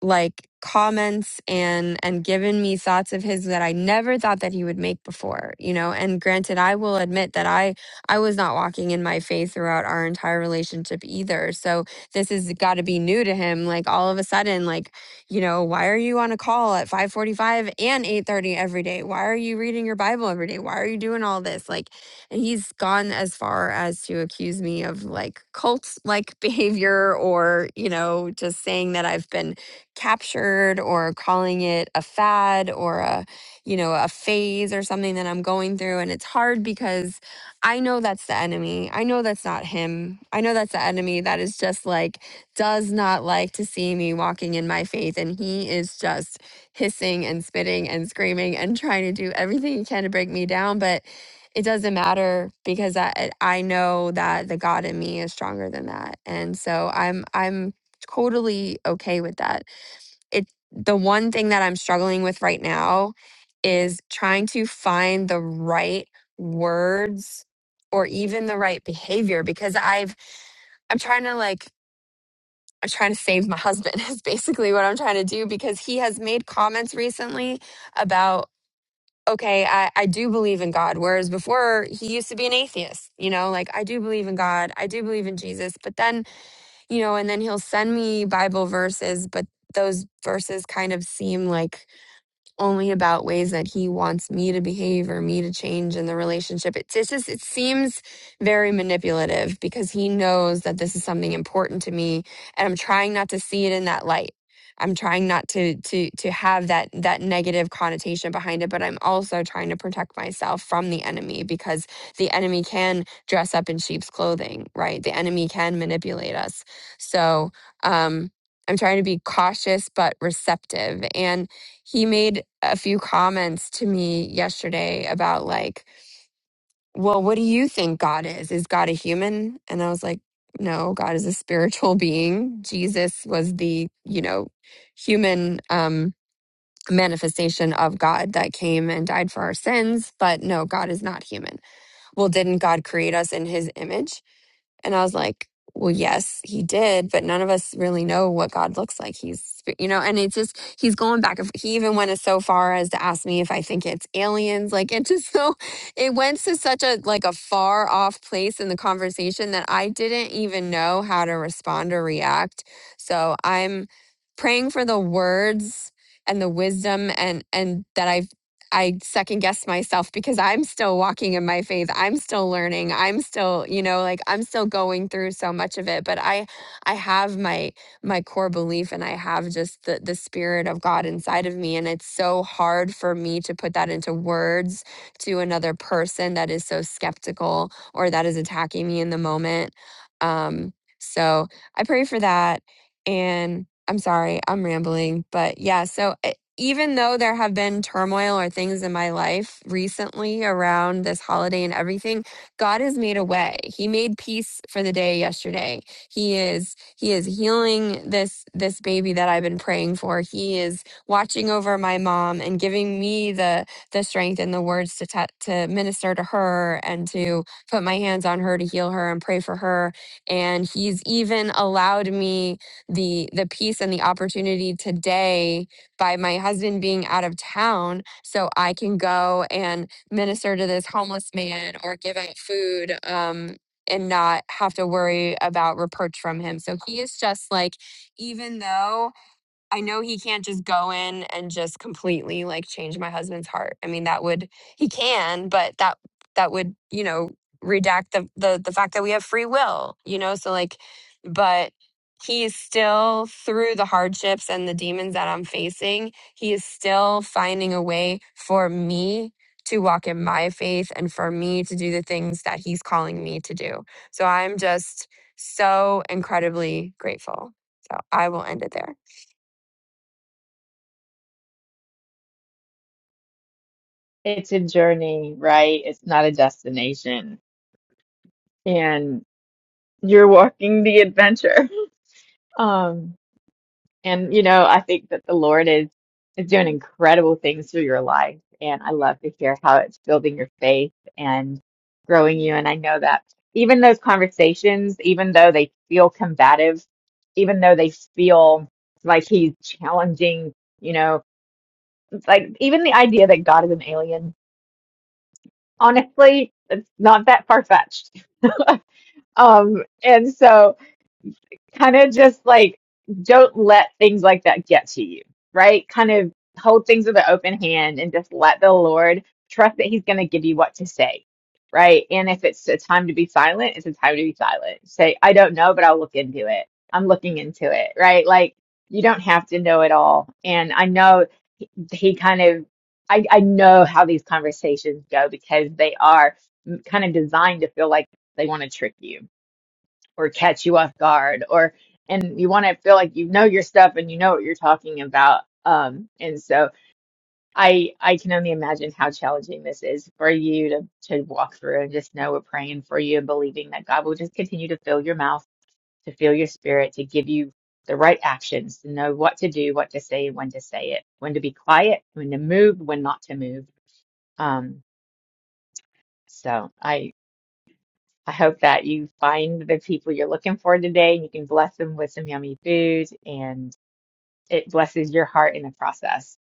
[SPEAKER 4] like comments and and given me thoughts of his that I never thought that he would make before, you know. And granted, I will admit that I I was not walking in my faith throughout our entire relationship either. So this has got to be new to him. Like all of a sudden, like you know, why are you on a call at five forty five and eight thirty every day? Why are you reading your Bible every day? Why are you doing all this? Like, and he's gone as far as to accuse me of like cult like behavior or you know just saying that I've been captured or calling it a fad or a you know a phase or something that i'm going through and it's hard because i know that's the enemy i know that's not him i know that's the enemy that is just like does not like to see me walking in my faith and he is just hissing and spitting and screaming and trying to do everything he can to break me down but it doesn't matter because I eh, I know that the God in me is stronger than that. And so I'm I'm totally okay with that it the one thing that I'm struggling with right now is trying to find the right words or even the right behavior because I've I'm trying to like I'm trying to save my husband is basically what I'm trying to do because he has made comments recently about okay I, I do believe in God whereas before he used to be an atheist you know like I do believe in God I do believe in Jesus but then you know and then he'll send me Bible verses but those verses kind of seem like only about ways that he wants me to behave or me to change in the relationship. It's, it's just, it seems very manipulative because he knows that this is something important to me and I'm trying not to see it in that light. I'm trying not to to to have that that negative connotation behind it, but I'm also trying to protect myself from the enemy because the enemy can dress up in sheep's clothing, right? The enemy can manipulate us. So, um I'm trying to be cautious but receptive. And he made a few comments to me yesterday about like well what do you think god is is god a human and i was like no god is a spiritual being jesus was the you know human um manifestation of god that came and died for our sins but no god is not human well didn't god create us in his image and I was like, well, yes, he did, but none of us really know what God looks like. He's, you know, and it's just, he's going back. and f- He even went as so far as to ask me if I think it's aliens. Like it just so, it went to such a, like a far off place in the conversation that I didn't even know how to respond or react. So I'm praying for the words and the wisdom and, and that I I second guess myself because I'm still walking in my faith. I'm still learning. I'm still, you know, like I'm still going through so much of it, but I I have my my core belief and I have just the the spirit of God inside of me and it's so hard for me to put that into words to another person that is so skeptical or that is attacking me in the moment. Um so I pray for that and I'm sorry, I'm rambling, but yeah, so eh, even though there have been turmoil or things in my life recently around this holiday and everything, God has made a way. He made peace for the day yesterday. He is he is healing this this baby that I've been praying for. He is watching over my mom and giving me the the strength and the words to ta to minister to her and to put my hands on her to heal her and pray for her. And he's even allowed me the the peace and the opportunity today by my husband being out of town so I can go and minister to this homeless man or give out food um, and not have to worry about reproach from him. So he is just like, even though I know he can't just go in and just completely like change my husband's heart. I mean, that would he can, but that that would, you know, redact the the the fact that we have free will, you know? So like but he is still through the hardships and the demons that I'm facing, he is still finding a way for me to walk in my faith and for me to do the things that he's calling me to do. So I'm just so incredibly grateful. So I will end it there.
[SPEAKER 1] It's a journey, right? It's not a destination. And you're walking the adventure. Um, and you know, I think that the Lord is is doing incredible things through your life. And I love to hear how it's building your faith and growing you. And I know that even those conversations, even though they feel combative, even though they feel like he's challenging, you know, it's like even the idea that God is an alien, honestly, it's not that far fetched. Um, and so kind of just like don't let things like that get to you, right? Kind of hold things with an open hand and just let the Lord trust that He's going to give you what to say, right? And if it's a time to be silent, it's a time to be silent. Say, I don't know, but I'll look into it. I'm looking into it, right? Like you don't have to know it all. And I know he, he kind of, I, I know how these conversations go because they are kind of designed to feel like they want to trick you or catch you off guard or and you want to feel like you know your stuff and you know what you're talking about um and so i i can only imagine how challenging this is for you to to walk through and just know we're praying for you and believing that god will just continue to fill your mouth to fill your spirit to give you the right actions to know what to do what to say when to say it when to be quiet when to move when not to move um so I I hope that you find the people you're looking for today and you can bless them with some yummy food and it blesses your heart in the process.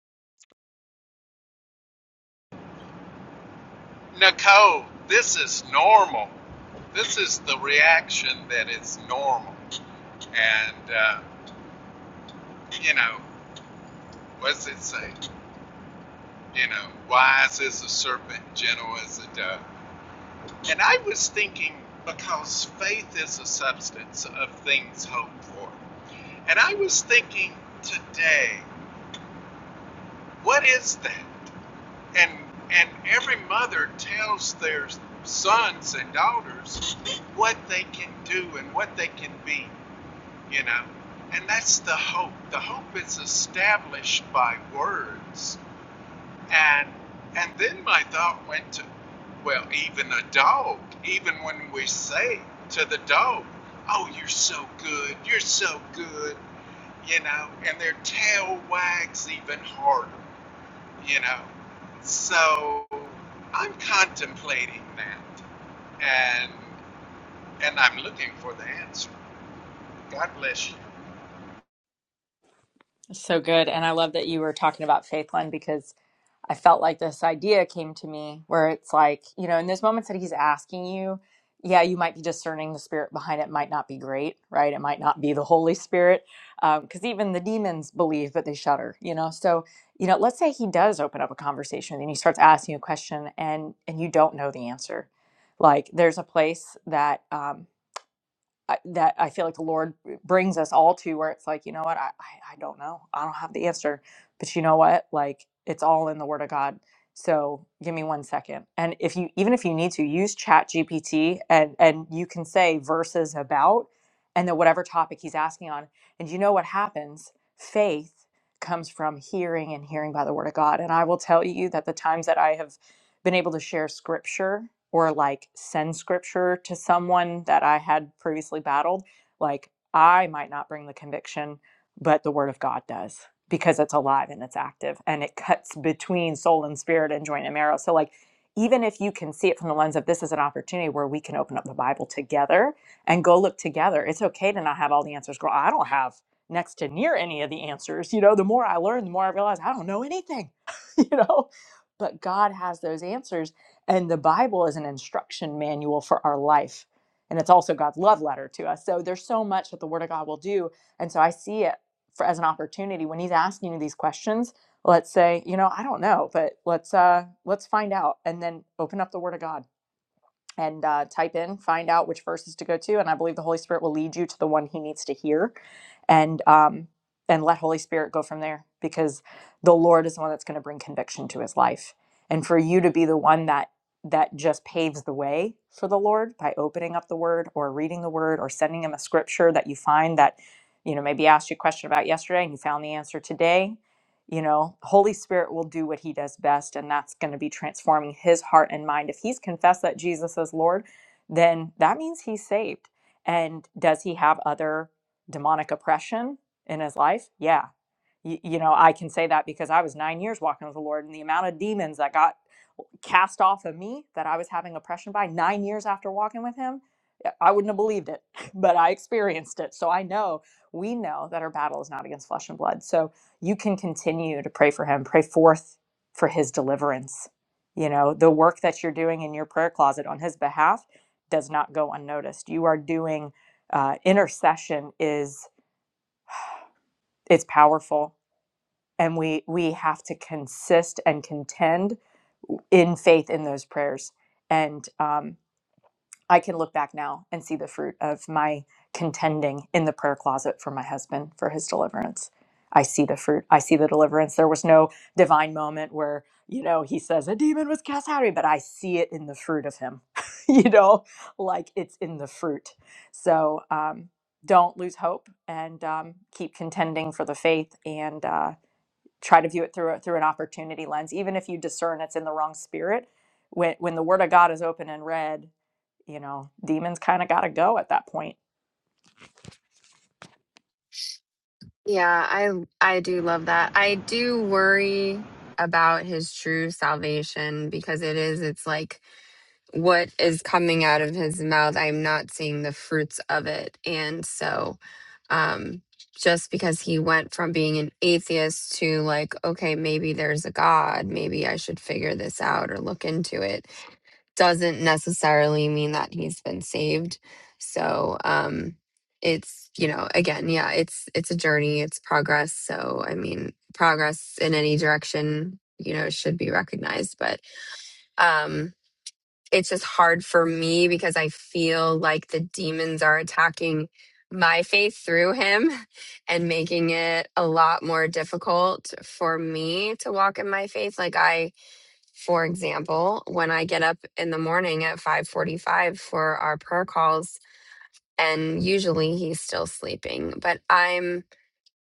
[SPEAKER 2] Nicole, this is normal. This is the reaction that is normal. And, uh, you know, what does it say? You know, wise as a serpent, gentle as a dove. And I was thinking, because faith is a substance of things hoped for. And I was thinking today, what is that? And and every mother tells their sons and daughters what they can do and what they can be. you know and that's the hope the hope is established by words and and then my thought went to well even a dog even when we say to the dog oh you're so good you're so good you know and their tail wags even harder you know so i'm contemplating that and and i'm looking for the answer god bless you
[SPEAKER 6] So good. And I love that you were talking about faith, Len, because I felt like this idea came to me where it's like, you know, in those moments that he's asking you, yeah, you might be discerning the spirit behind it might not be great, right? It might not be the Holy Spirit. Because even the demons believe, but they shudder, you know? So, you know, let's say he does open up a conversation and he starts asking you a question and, and you don't know the answer. Like there's a place that um, I, that I feel like the Lord brings us all to where it's like, you know what, I, I, I don't know. I don't have the answer. But you know what? Like it's all in the word of God. So give me one second. And if you even if you need to use chat GPT and and you can say verses about and then whatever topic he's asking on. And you know what happens? Faith comes from hearing and hearing by the word of God. And I will tell you that the times that I have been able to share scripture or like send scripture to someone that I had previously battled, like I might not bring the conviction, but the word of God does because it's alive and it's active and it cuts between soul and spirit and joint and marrow. So like even if you can see it from the lens of this is an opportunity where we can open up the Bible together and go look together. It's okay to not have all the answers. Girl, I don't have next to near any of the answers. You know, the more I learn, the more I realize I don't know anything. you know, but God has those answers. And the Bible is an instruction manual for our life. And it's also God's love letter to us. So there's so much that the Word of God will do. And so I see it for, as an opportunity when He's asking you these questions. Let's say, you know, I don't know, but let's uh, let's find out, and then open up the Word of God and uh, type in, find out which verses to go to, and I believe the Holy Spirit will lead you to the one He needs to hear, and um, and let Holy Spirit go from there because the Lord is the one that's going to bring conviction to His life, and for you to be the one that that just paves the way for the Lord by opening up the Word or reading the Word or sending Him a scripture that you find that you know maybe asked you a question about yesterday and you found the answer today you know holy spirit will do what he does best and that's going to be transforming his heart and mind if he's confessed that jesus is lord then that means he's saved and does he have other demonic oppression in his life yeah Y- you know i can say that because i was nine years walking with the lord and the amount of demons that got cast off of me that I was having oppression by nine years after walking with him, yeah, I wouldn't have believed it, but I experienced it. So I know, we know that our battle is not against flesh and blood. So you can continue to pray for him, pray forth for his deliverance. You know, the work that you're doing in your prayer closet on his behalf does not go unnoticed. You are doing uh, intercession is it's powerful and we we have to consist and contend in faith in those prayers and um, I can look back now and see the fruit of my contending in the prayer closet for my husband for his deliverance. I see the fruit. I see the deliverance. There was no divine moment where, you know, he says a demon was cast out of me, but I see it in the fruit of him, you know, like it's in the fruit. So um, don't lose hope and um, keep contending for the faith and uh, try to view it through, a- through an opportunity lens. Even if you discern it's in the wrong spirit, when, when the word of God is open and read you know, demons kind of got to go at that point.
[SPEAKER 4] Yeah, I I do love that. I do worry about his true salvation because it is it's like what is coming out of his mouth i'm not seeing the fruits of it and so um just because he went from being an atheist to like okay maybe there's a god maybe i should figure this out or look into it doesn't necessarily mean that he's been saved so um it's you know again yeah it's it's a journey it's progress so i mean progress in any direction you know should be recognized but um it's just hard for me because I feel like the demons are attacking my faith through him and making it a lot more difficult for me to walk in my faith. Like I, for example, when I get up in the morning at 5:45 for our prayer calls and usually he's still sleeping, but I'm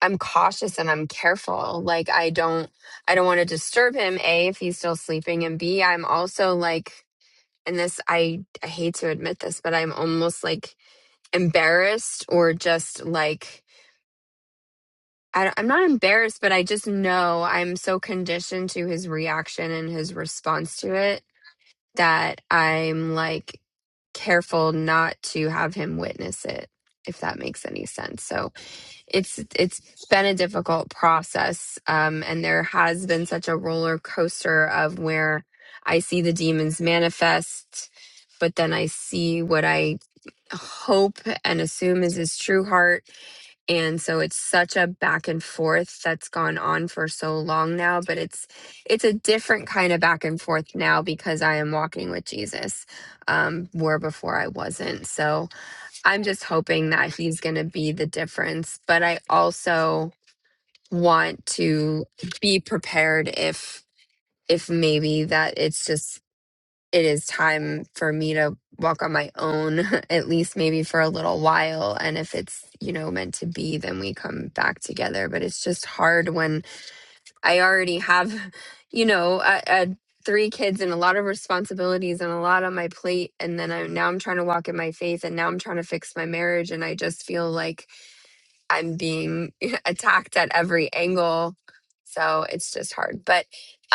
[SPEAKER 4] I'm cautious and I'm careful. Like I don't I don't want to disturb him, A, if he's still sleeping, and B, I'm also like and this I, I hate to admit this but i'm almost like embarrassed or just like I, don't- i'm not embarrassed but i just know i'm so conditioned to his reaction and his response to it that i'm like careful not to have him witness it if that makes any sense so it's it's been a difficult process um and there has been such a roller coaster of where i see the demons manifest but then I see what I hope and assume is his true heart. And so it's such a back and forth that's gone on for so long now, but it's it's a different kind of back and forth now because I am walking with Jesus, um, where before I wasn't. So I'm just hoping that he's gonna be the difference. But I also want to be prepared if if maybe that it's just it is time for me to walk on my own, at least maybe for a little while. And if it's, you know, meant to be, then we come back together. But it's just hard when I already have, you know, a, a three kids and a lot of responsibilities and a lot on my plate. And then I'm now I'm trying to walk in my faith and now I'm trying to fix my marriage. And I just feel like I'm being attacked at every angle. So it's just hard. But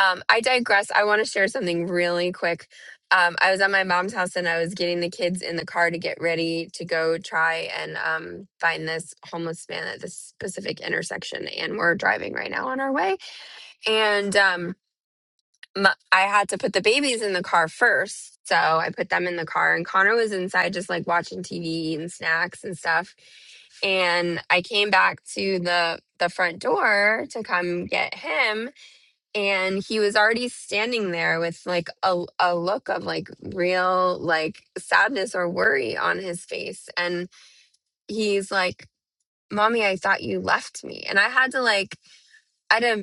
[SPEAKER 4] um, I digress. I want to share something really quick. Um, I was at my mom's house and I was getting the kids in the car to get ready to go try and um, find this homeless man at this specific intersection. And we're driving right now on our way. And um, m- I had to put the babies in the car first. So I put them in the car, and Connor was inside just like watching TV, eating snacks and stuff. And I came back to the the front door to come get him, and he was already standing there with like a a look of like real like sadness or worry on his face, and he's like, "Mommy, I thought you left me," and I had to like. I had to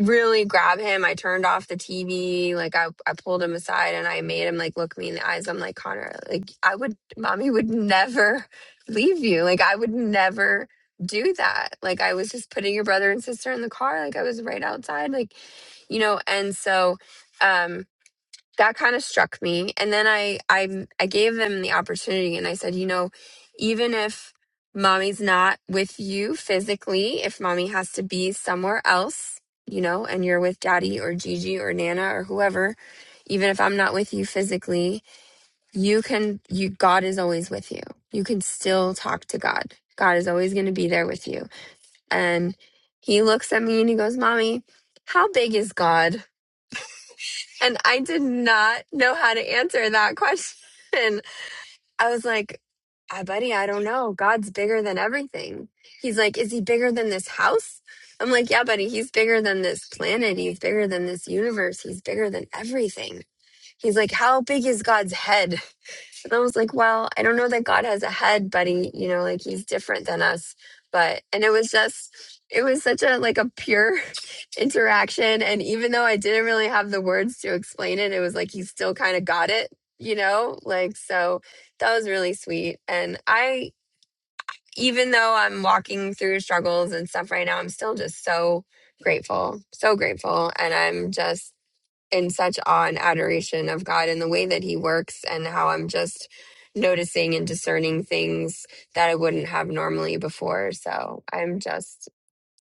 [SPEAKER 4] really grab him. I turned off the TV. Like I, I pulled him aside and I made him like look me in the eyes. I'm like, Connor, like I would, mommy would never leave you. Like I would never do that. Like I was just putting your brother and sister in the car. Like I was right outside. Like, you know, and so, um, that kind of struck me and then i i i gave them the opportunity and i said you know even if mommy's not with you physically if mommy has to be somewhere else you know and you're with daddy or gigi or nana or whoever even if i'm not with you physically you can you god is always with you you can still talk to god god is always going to be there with you and he looks at me and he goes mommy how big is god and I did not know how to answer that question. I was like, I buddy, I don't know. God's bigger than everything. He's like, Is he bigger than this house? I'm like, Yeah, buddy, he's bigger than this planet. He's bigger than this universe. He's bigger than everything. He's like, How big is God's head? But I was like, well, I don't know that God has a head, buddy. You know, like he's different than us. But and it was just it was such a like a pure interaction. And even though I didn't really have the words to explain it, it was like he still kind of got it, you know? Like so that was really sweet. And I even though I'm walking through struggles and stuff right now, I'm still just so grateful. So grateful. And I'm just in such awe and adoration of God and the way that He works, and how I'm just noticing and discerning things that I wouldn't have normally before. So I'm just,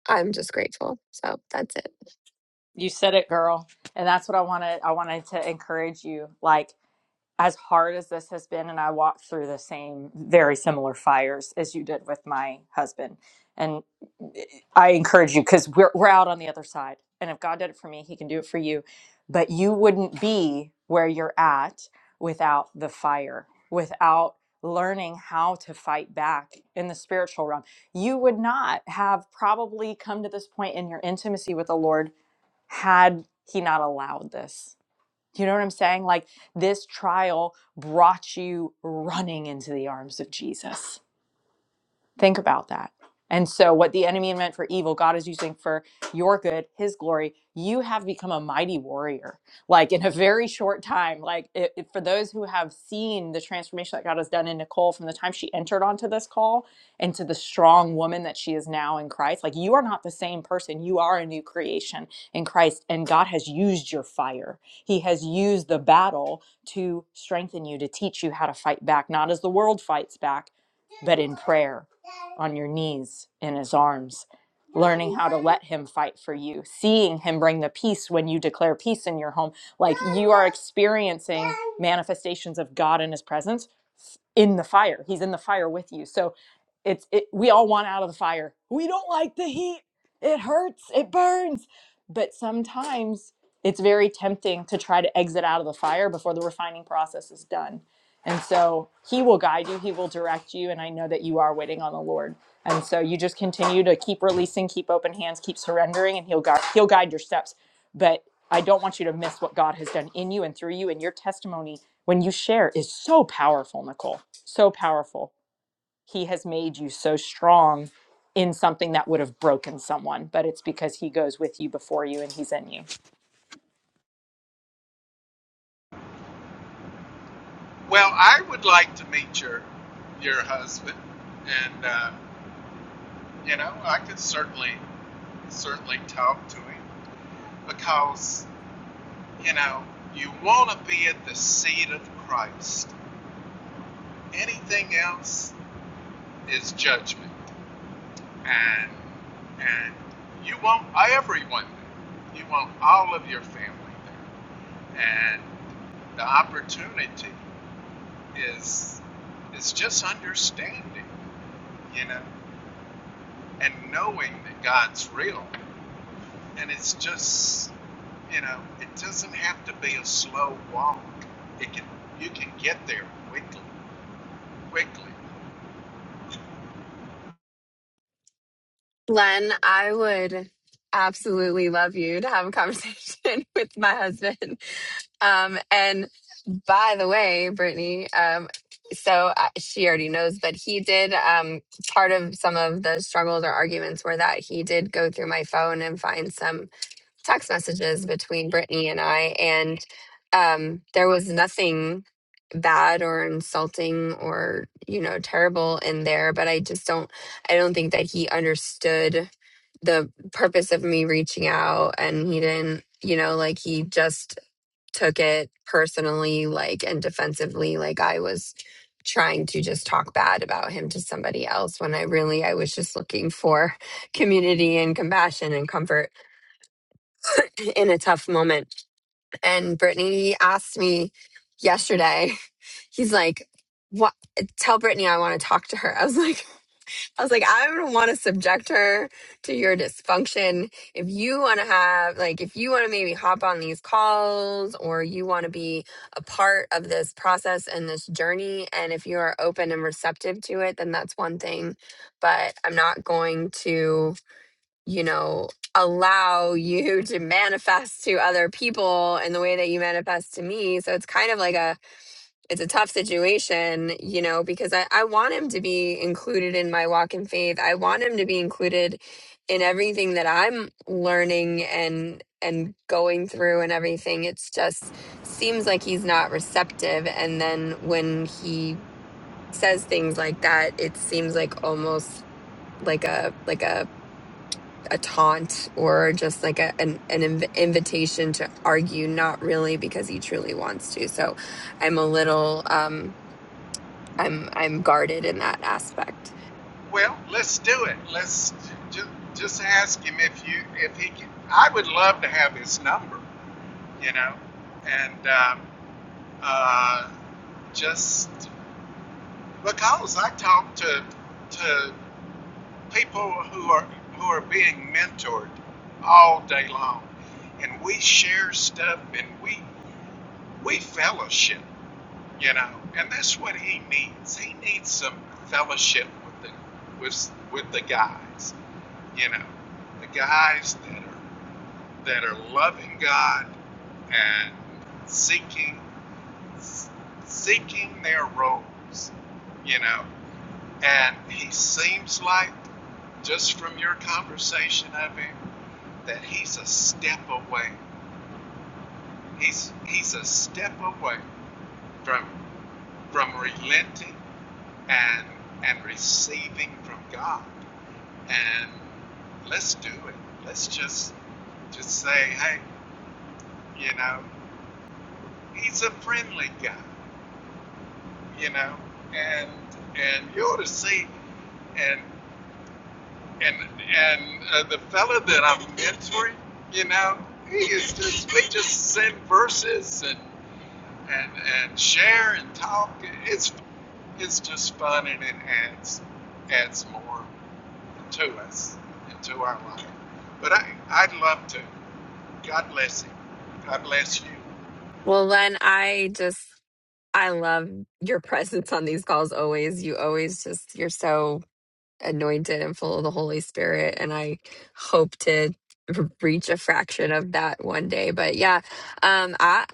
[SPEAKER 4] I'm just grateful. So that's it.
[SPEAKER 6] You said it, girl. And that's what I wanted I wanted to encourage you. Like as hard as this has been, and I walked through the same very similar fires as you did with my husband. And eh, I encourage you because we're, we're out on the other side. And if God did it for me, He can do it for you. But you wouldn't be where you're at without the fire, without learning how to fight back in the spiritual realm. You would not have probably come to this point in your intimacy with the Lord had He not allowed this you know what I'm saying? Like this trial brought you running into the arms of Jesus. Think about that. And so, what the enemy meant for evil, God is using for your good, his glory. You have become a mighty warrior, like in a very short time. Like, it, it- for those who have seen the transformation that God has done in Nicole from the time she entered onto this call into the strong woman that she is now in Christ, like, you are not the same person. You are a new creation in Christ, and God has used your fire. He has used the battle to strengthen you, to teach you how to fight back, not as the world fights back, but in prayer on your knees in his arms, learning how to let him fight for you, seeing him bring the peace when you declare peace in your home. Like you are experiencing manifestations of God in his presence in the fire. He's in the fire with you. So it's it, we all want out of the fire. We don't like the heat. It hurts. It burns. But sometimes it's very tempting to try to exit out of the fire before the refining process is done and so he will guide you, he will direct you. And I know that you are waiting on the Lord. And so you just continue to keep releasing, keep open hands, keep surrendering, and he'll guide he'll guide your steps. But I don't want you to miss what God has done in you and through you. And your testimony when you share is so powerful, Nicole. So powerful. He has made you so strong in something that would have broken someone, but it's because he goes with you before you and he's in you.
[SPEAKER 2] Well, I would like to meet your your husband, and uh, you know, I could certainly certainly talk to him because you know you want to be at the seat of Christ. Anything else is judgment, and and you want everyone there. You want all of your family there, and the opportunity is is just understanding, you know. and knowing that God's real. And it's just, you know, it doesn't have to be a slow walk. It can you can get there quickly, quickly.
[SPEAKER 4] Len, I would absolutely love you to have a conversation with my husband. Um, and by the way, Brittany, um, so uh, she already knows, but he did. Um, part of some of the struggles or arguments were that he did go through my phone and find some text messages between Brittany and I, and um, there was nothing bad or insulting or you know terrible in there. But I just don't, I don't think that he understood the purpose of me reaching out, and he didn't, you know, like he just took it personally, like and defensively, like I was trying to just talk bad about him to somebody else when I really I was just looking for community and compassion and comfort in a tough moment and Brittany asked me yesterday, he's like, what tell Brittany I want to talk to her. I was like, I was like, I don't want to subject her to your dysfunction. If you want to have like if you want to maybe hop on these calls or you want to be a part of this process and this journey and if you are open and receptive to it, then that's one thing. But I'm not going to you know, allow you to manifest to other people in the way that you manifest to me. So it's kind of like a it's a tough situation, you know, because I, I want him to be included in my walk in faith. I want him to be included in everything that I'm learning and and going through and everything. It's just seems like he's not receptive. And then when he says things like that, it seems like almost like a like a a taunt or just like a, an, an inv- invitation to argue not really because he truly wants to so i'm a little um i'm i'm guarded in that aspect
[SPEAKER 2] Well, let's do it. Let's just just ask him if you if he can. I would love to have his number, you know, and um, uh, just because I talked to to people who are who are being mentored all day long and we share stuff and we we fellowship you know and that's what he needs he needs some fellowship with the with with the guys you know the guys that are that are loving god and seeking seeking their roles you know and he seems like, just from your conversation of him, that he's a step away. He's he's a step away from from relenting and and receiving from God. And let's do it. Let's just just say, hey, you know, he's a friendly guy, you know, and and you ought to see. and and and uh, the fella that I'm mentoring, you know, he is just we just send verses and and and share and talk. It's it's just fun and it adds adds more to us and to our life. But I I'd love to. God bless him. God bless you.
[SPEAKER 4] well len i just i love your presence on these calls always you always just you're so anointed and full of the Holy Spirit. And I hope to r- reach a fraction of that one day. But yeah, um, I,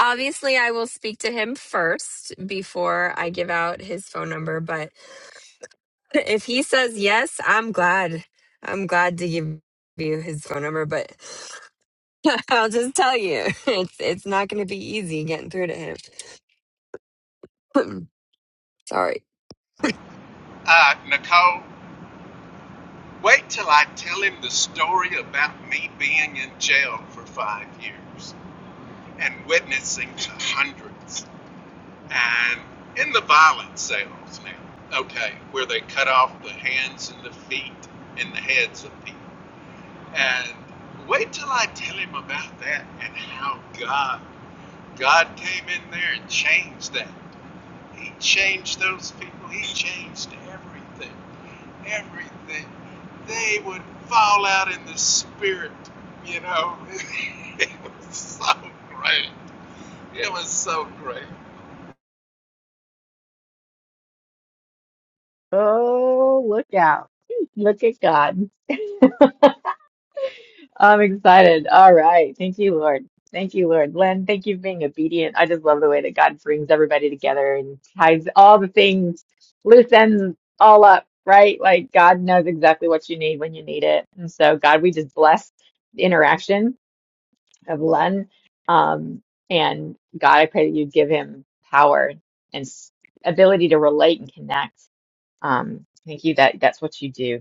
[SPEAKER 4] obviously, I will speak to him first before I give out his phone number. But if he says yes, I'm glad. I'm glad to give you his phone number. But I'll just tell you, it's it's not going to be easy getting through to him. Sorry.
[SPEAKER 2] Uh, Nicole, wait till I tell him the story about me being in jail for five years and witnessing to hundreds. And in the violent sales now, okay, where they cut off the hands and the feet and the heads of people. And wait till I tell him about that and how God God came in there and changed that. He changed those people. He changed everything. Everything. They would fall out in the spirit, you know. it was so great. It was so great.
[SPEAKER 1] Oh, look out. Look at God. I'm excited. All right. Thank you, Lord. Thank you, Lord. Len, thank you for being obedient. I just love the way that God brings everybody together and ties all the things, loose ends all up, right? Like God knows exactly what you need when you need it. And so, God, we just bless the interaction of Len. Um, and God, I pray that you give him power and s- ability to relate and connect. Um, thank you that that's what you do.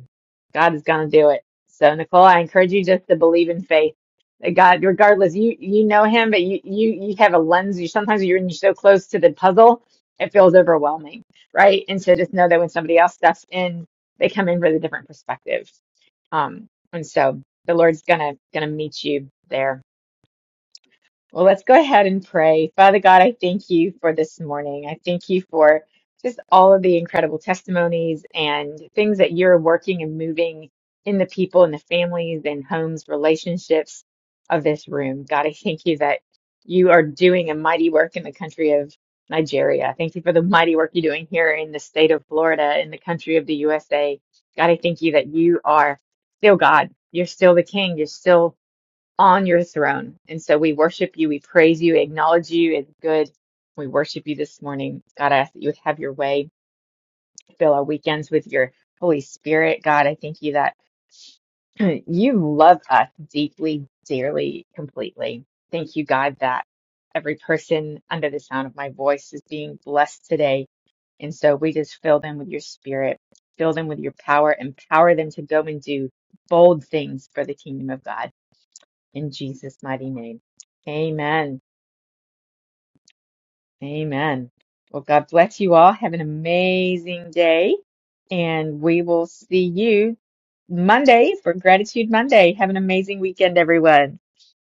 [SPEAKER 1] God is going to do it. So Nicole, I encourage you just to believe in faith. that God, regardless, you you know him, but you you you have a lens. You sometimes you're, you're so close to the puzzle, it feels overwhelming, right? And so just know that when somebody else steps in, they come in with a different perspective. Um, and so the Lord's gonna gonna meet you there well, let's go ahead and pray. Father God, I thank you for this morning. I thank you for just all of the incredible testimonies and things that you're working and moving in the people and the families and homes, relationships of this room. God, I thank you that you are doing a mighty work in the country of Nigeria. Thank you for the mighty work you're doing here in the state of Florida, in the country of the USA. God, I thank you that you are still God. You're still the King. You're still on your throne. And so we worship you, we praise you, acknowledge you as good. We worship you this morning. God, I ask that you would have your way, fill our weekends with your Holy Spirit. God, I thank you that you love us deeply, dearly, completely. Thank you, God, that every person under the sound of my voice is being blessed today. And so we just fill them with your spirit, fill them with your power, empower them to go and do bold things for the kingdom of God in Jesus' mighty name. Amen. Amen. Well, God bless you all. Have an amazing day. And we will see you Monday for Gratitude Monday. Have an amazing weekend, everyone.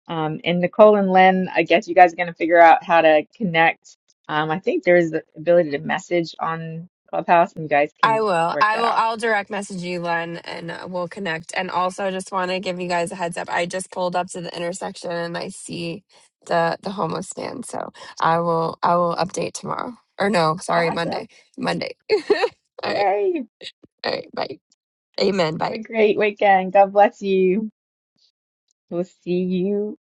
[SPEAKER 1] Um, and Nicole and Lynn, I guess you guys are going to figure out how to connect. Um, I think there is the ability to message on Clubhouse, and you guys
[SPEAKER 4] I
[SPEAKER 1] can
[SPEAKER 4] will.
[SPEAKER 1] work
[SPEAKER 4] I
[SPEAKER 1] that
[SPEAKER 4] will.
[SPEAKER 1] out.
[SPEAKER 4] I'll direct message you, Len, and uh, we'll connect. And also, just want to give you guys a heads up. I just pulled up to the intersection and I see the the homeless stand. So I will. I will update tomorrow. Or no, sorry,
[SPEAKER 1] Awesome.
[SPEAKER 4] Monday. Monday. all right.
[SPEAKER 1] Yay.
[SPEAKER 4] All right. Bye. Amen.
[SPEAKER 1] Have
[SPEAKER 4] Bye.
[SPEAKER 1] a great weekend. God bless you. We'll see you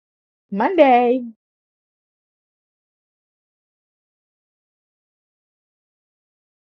[SPEAKER 1] Monday.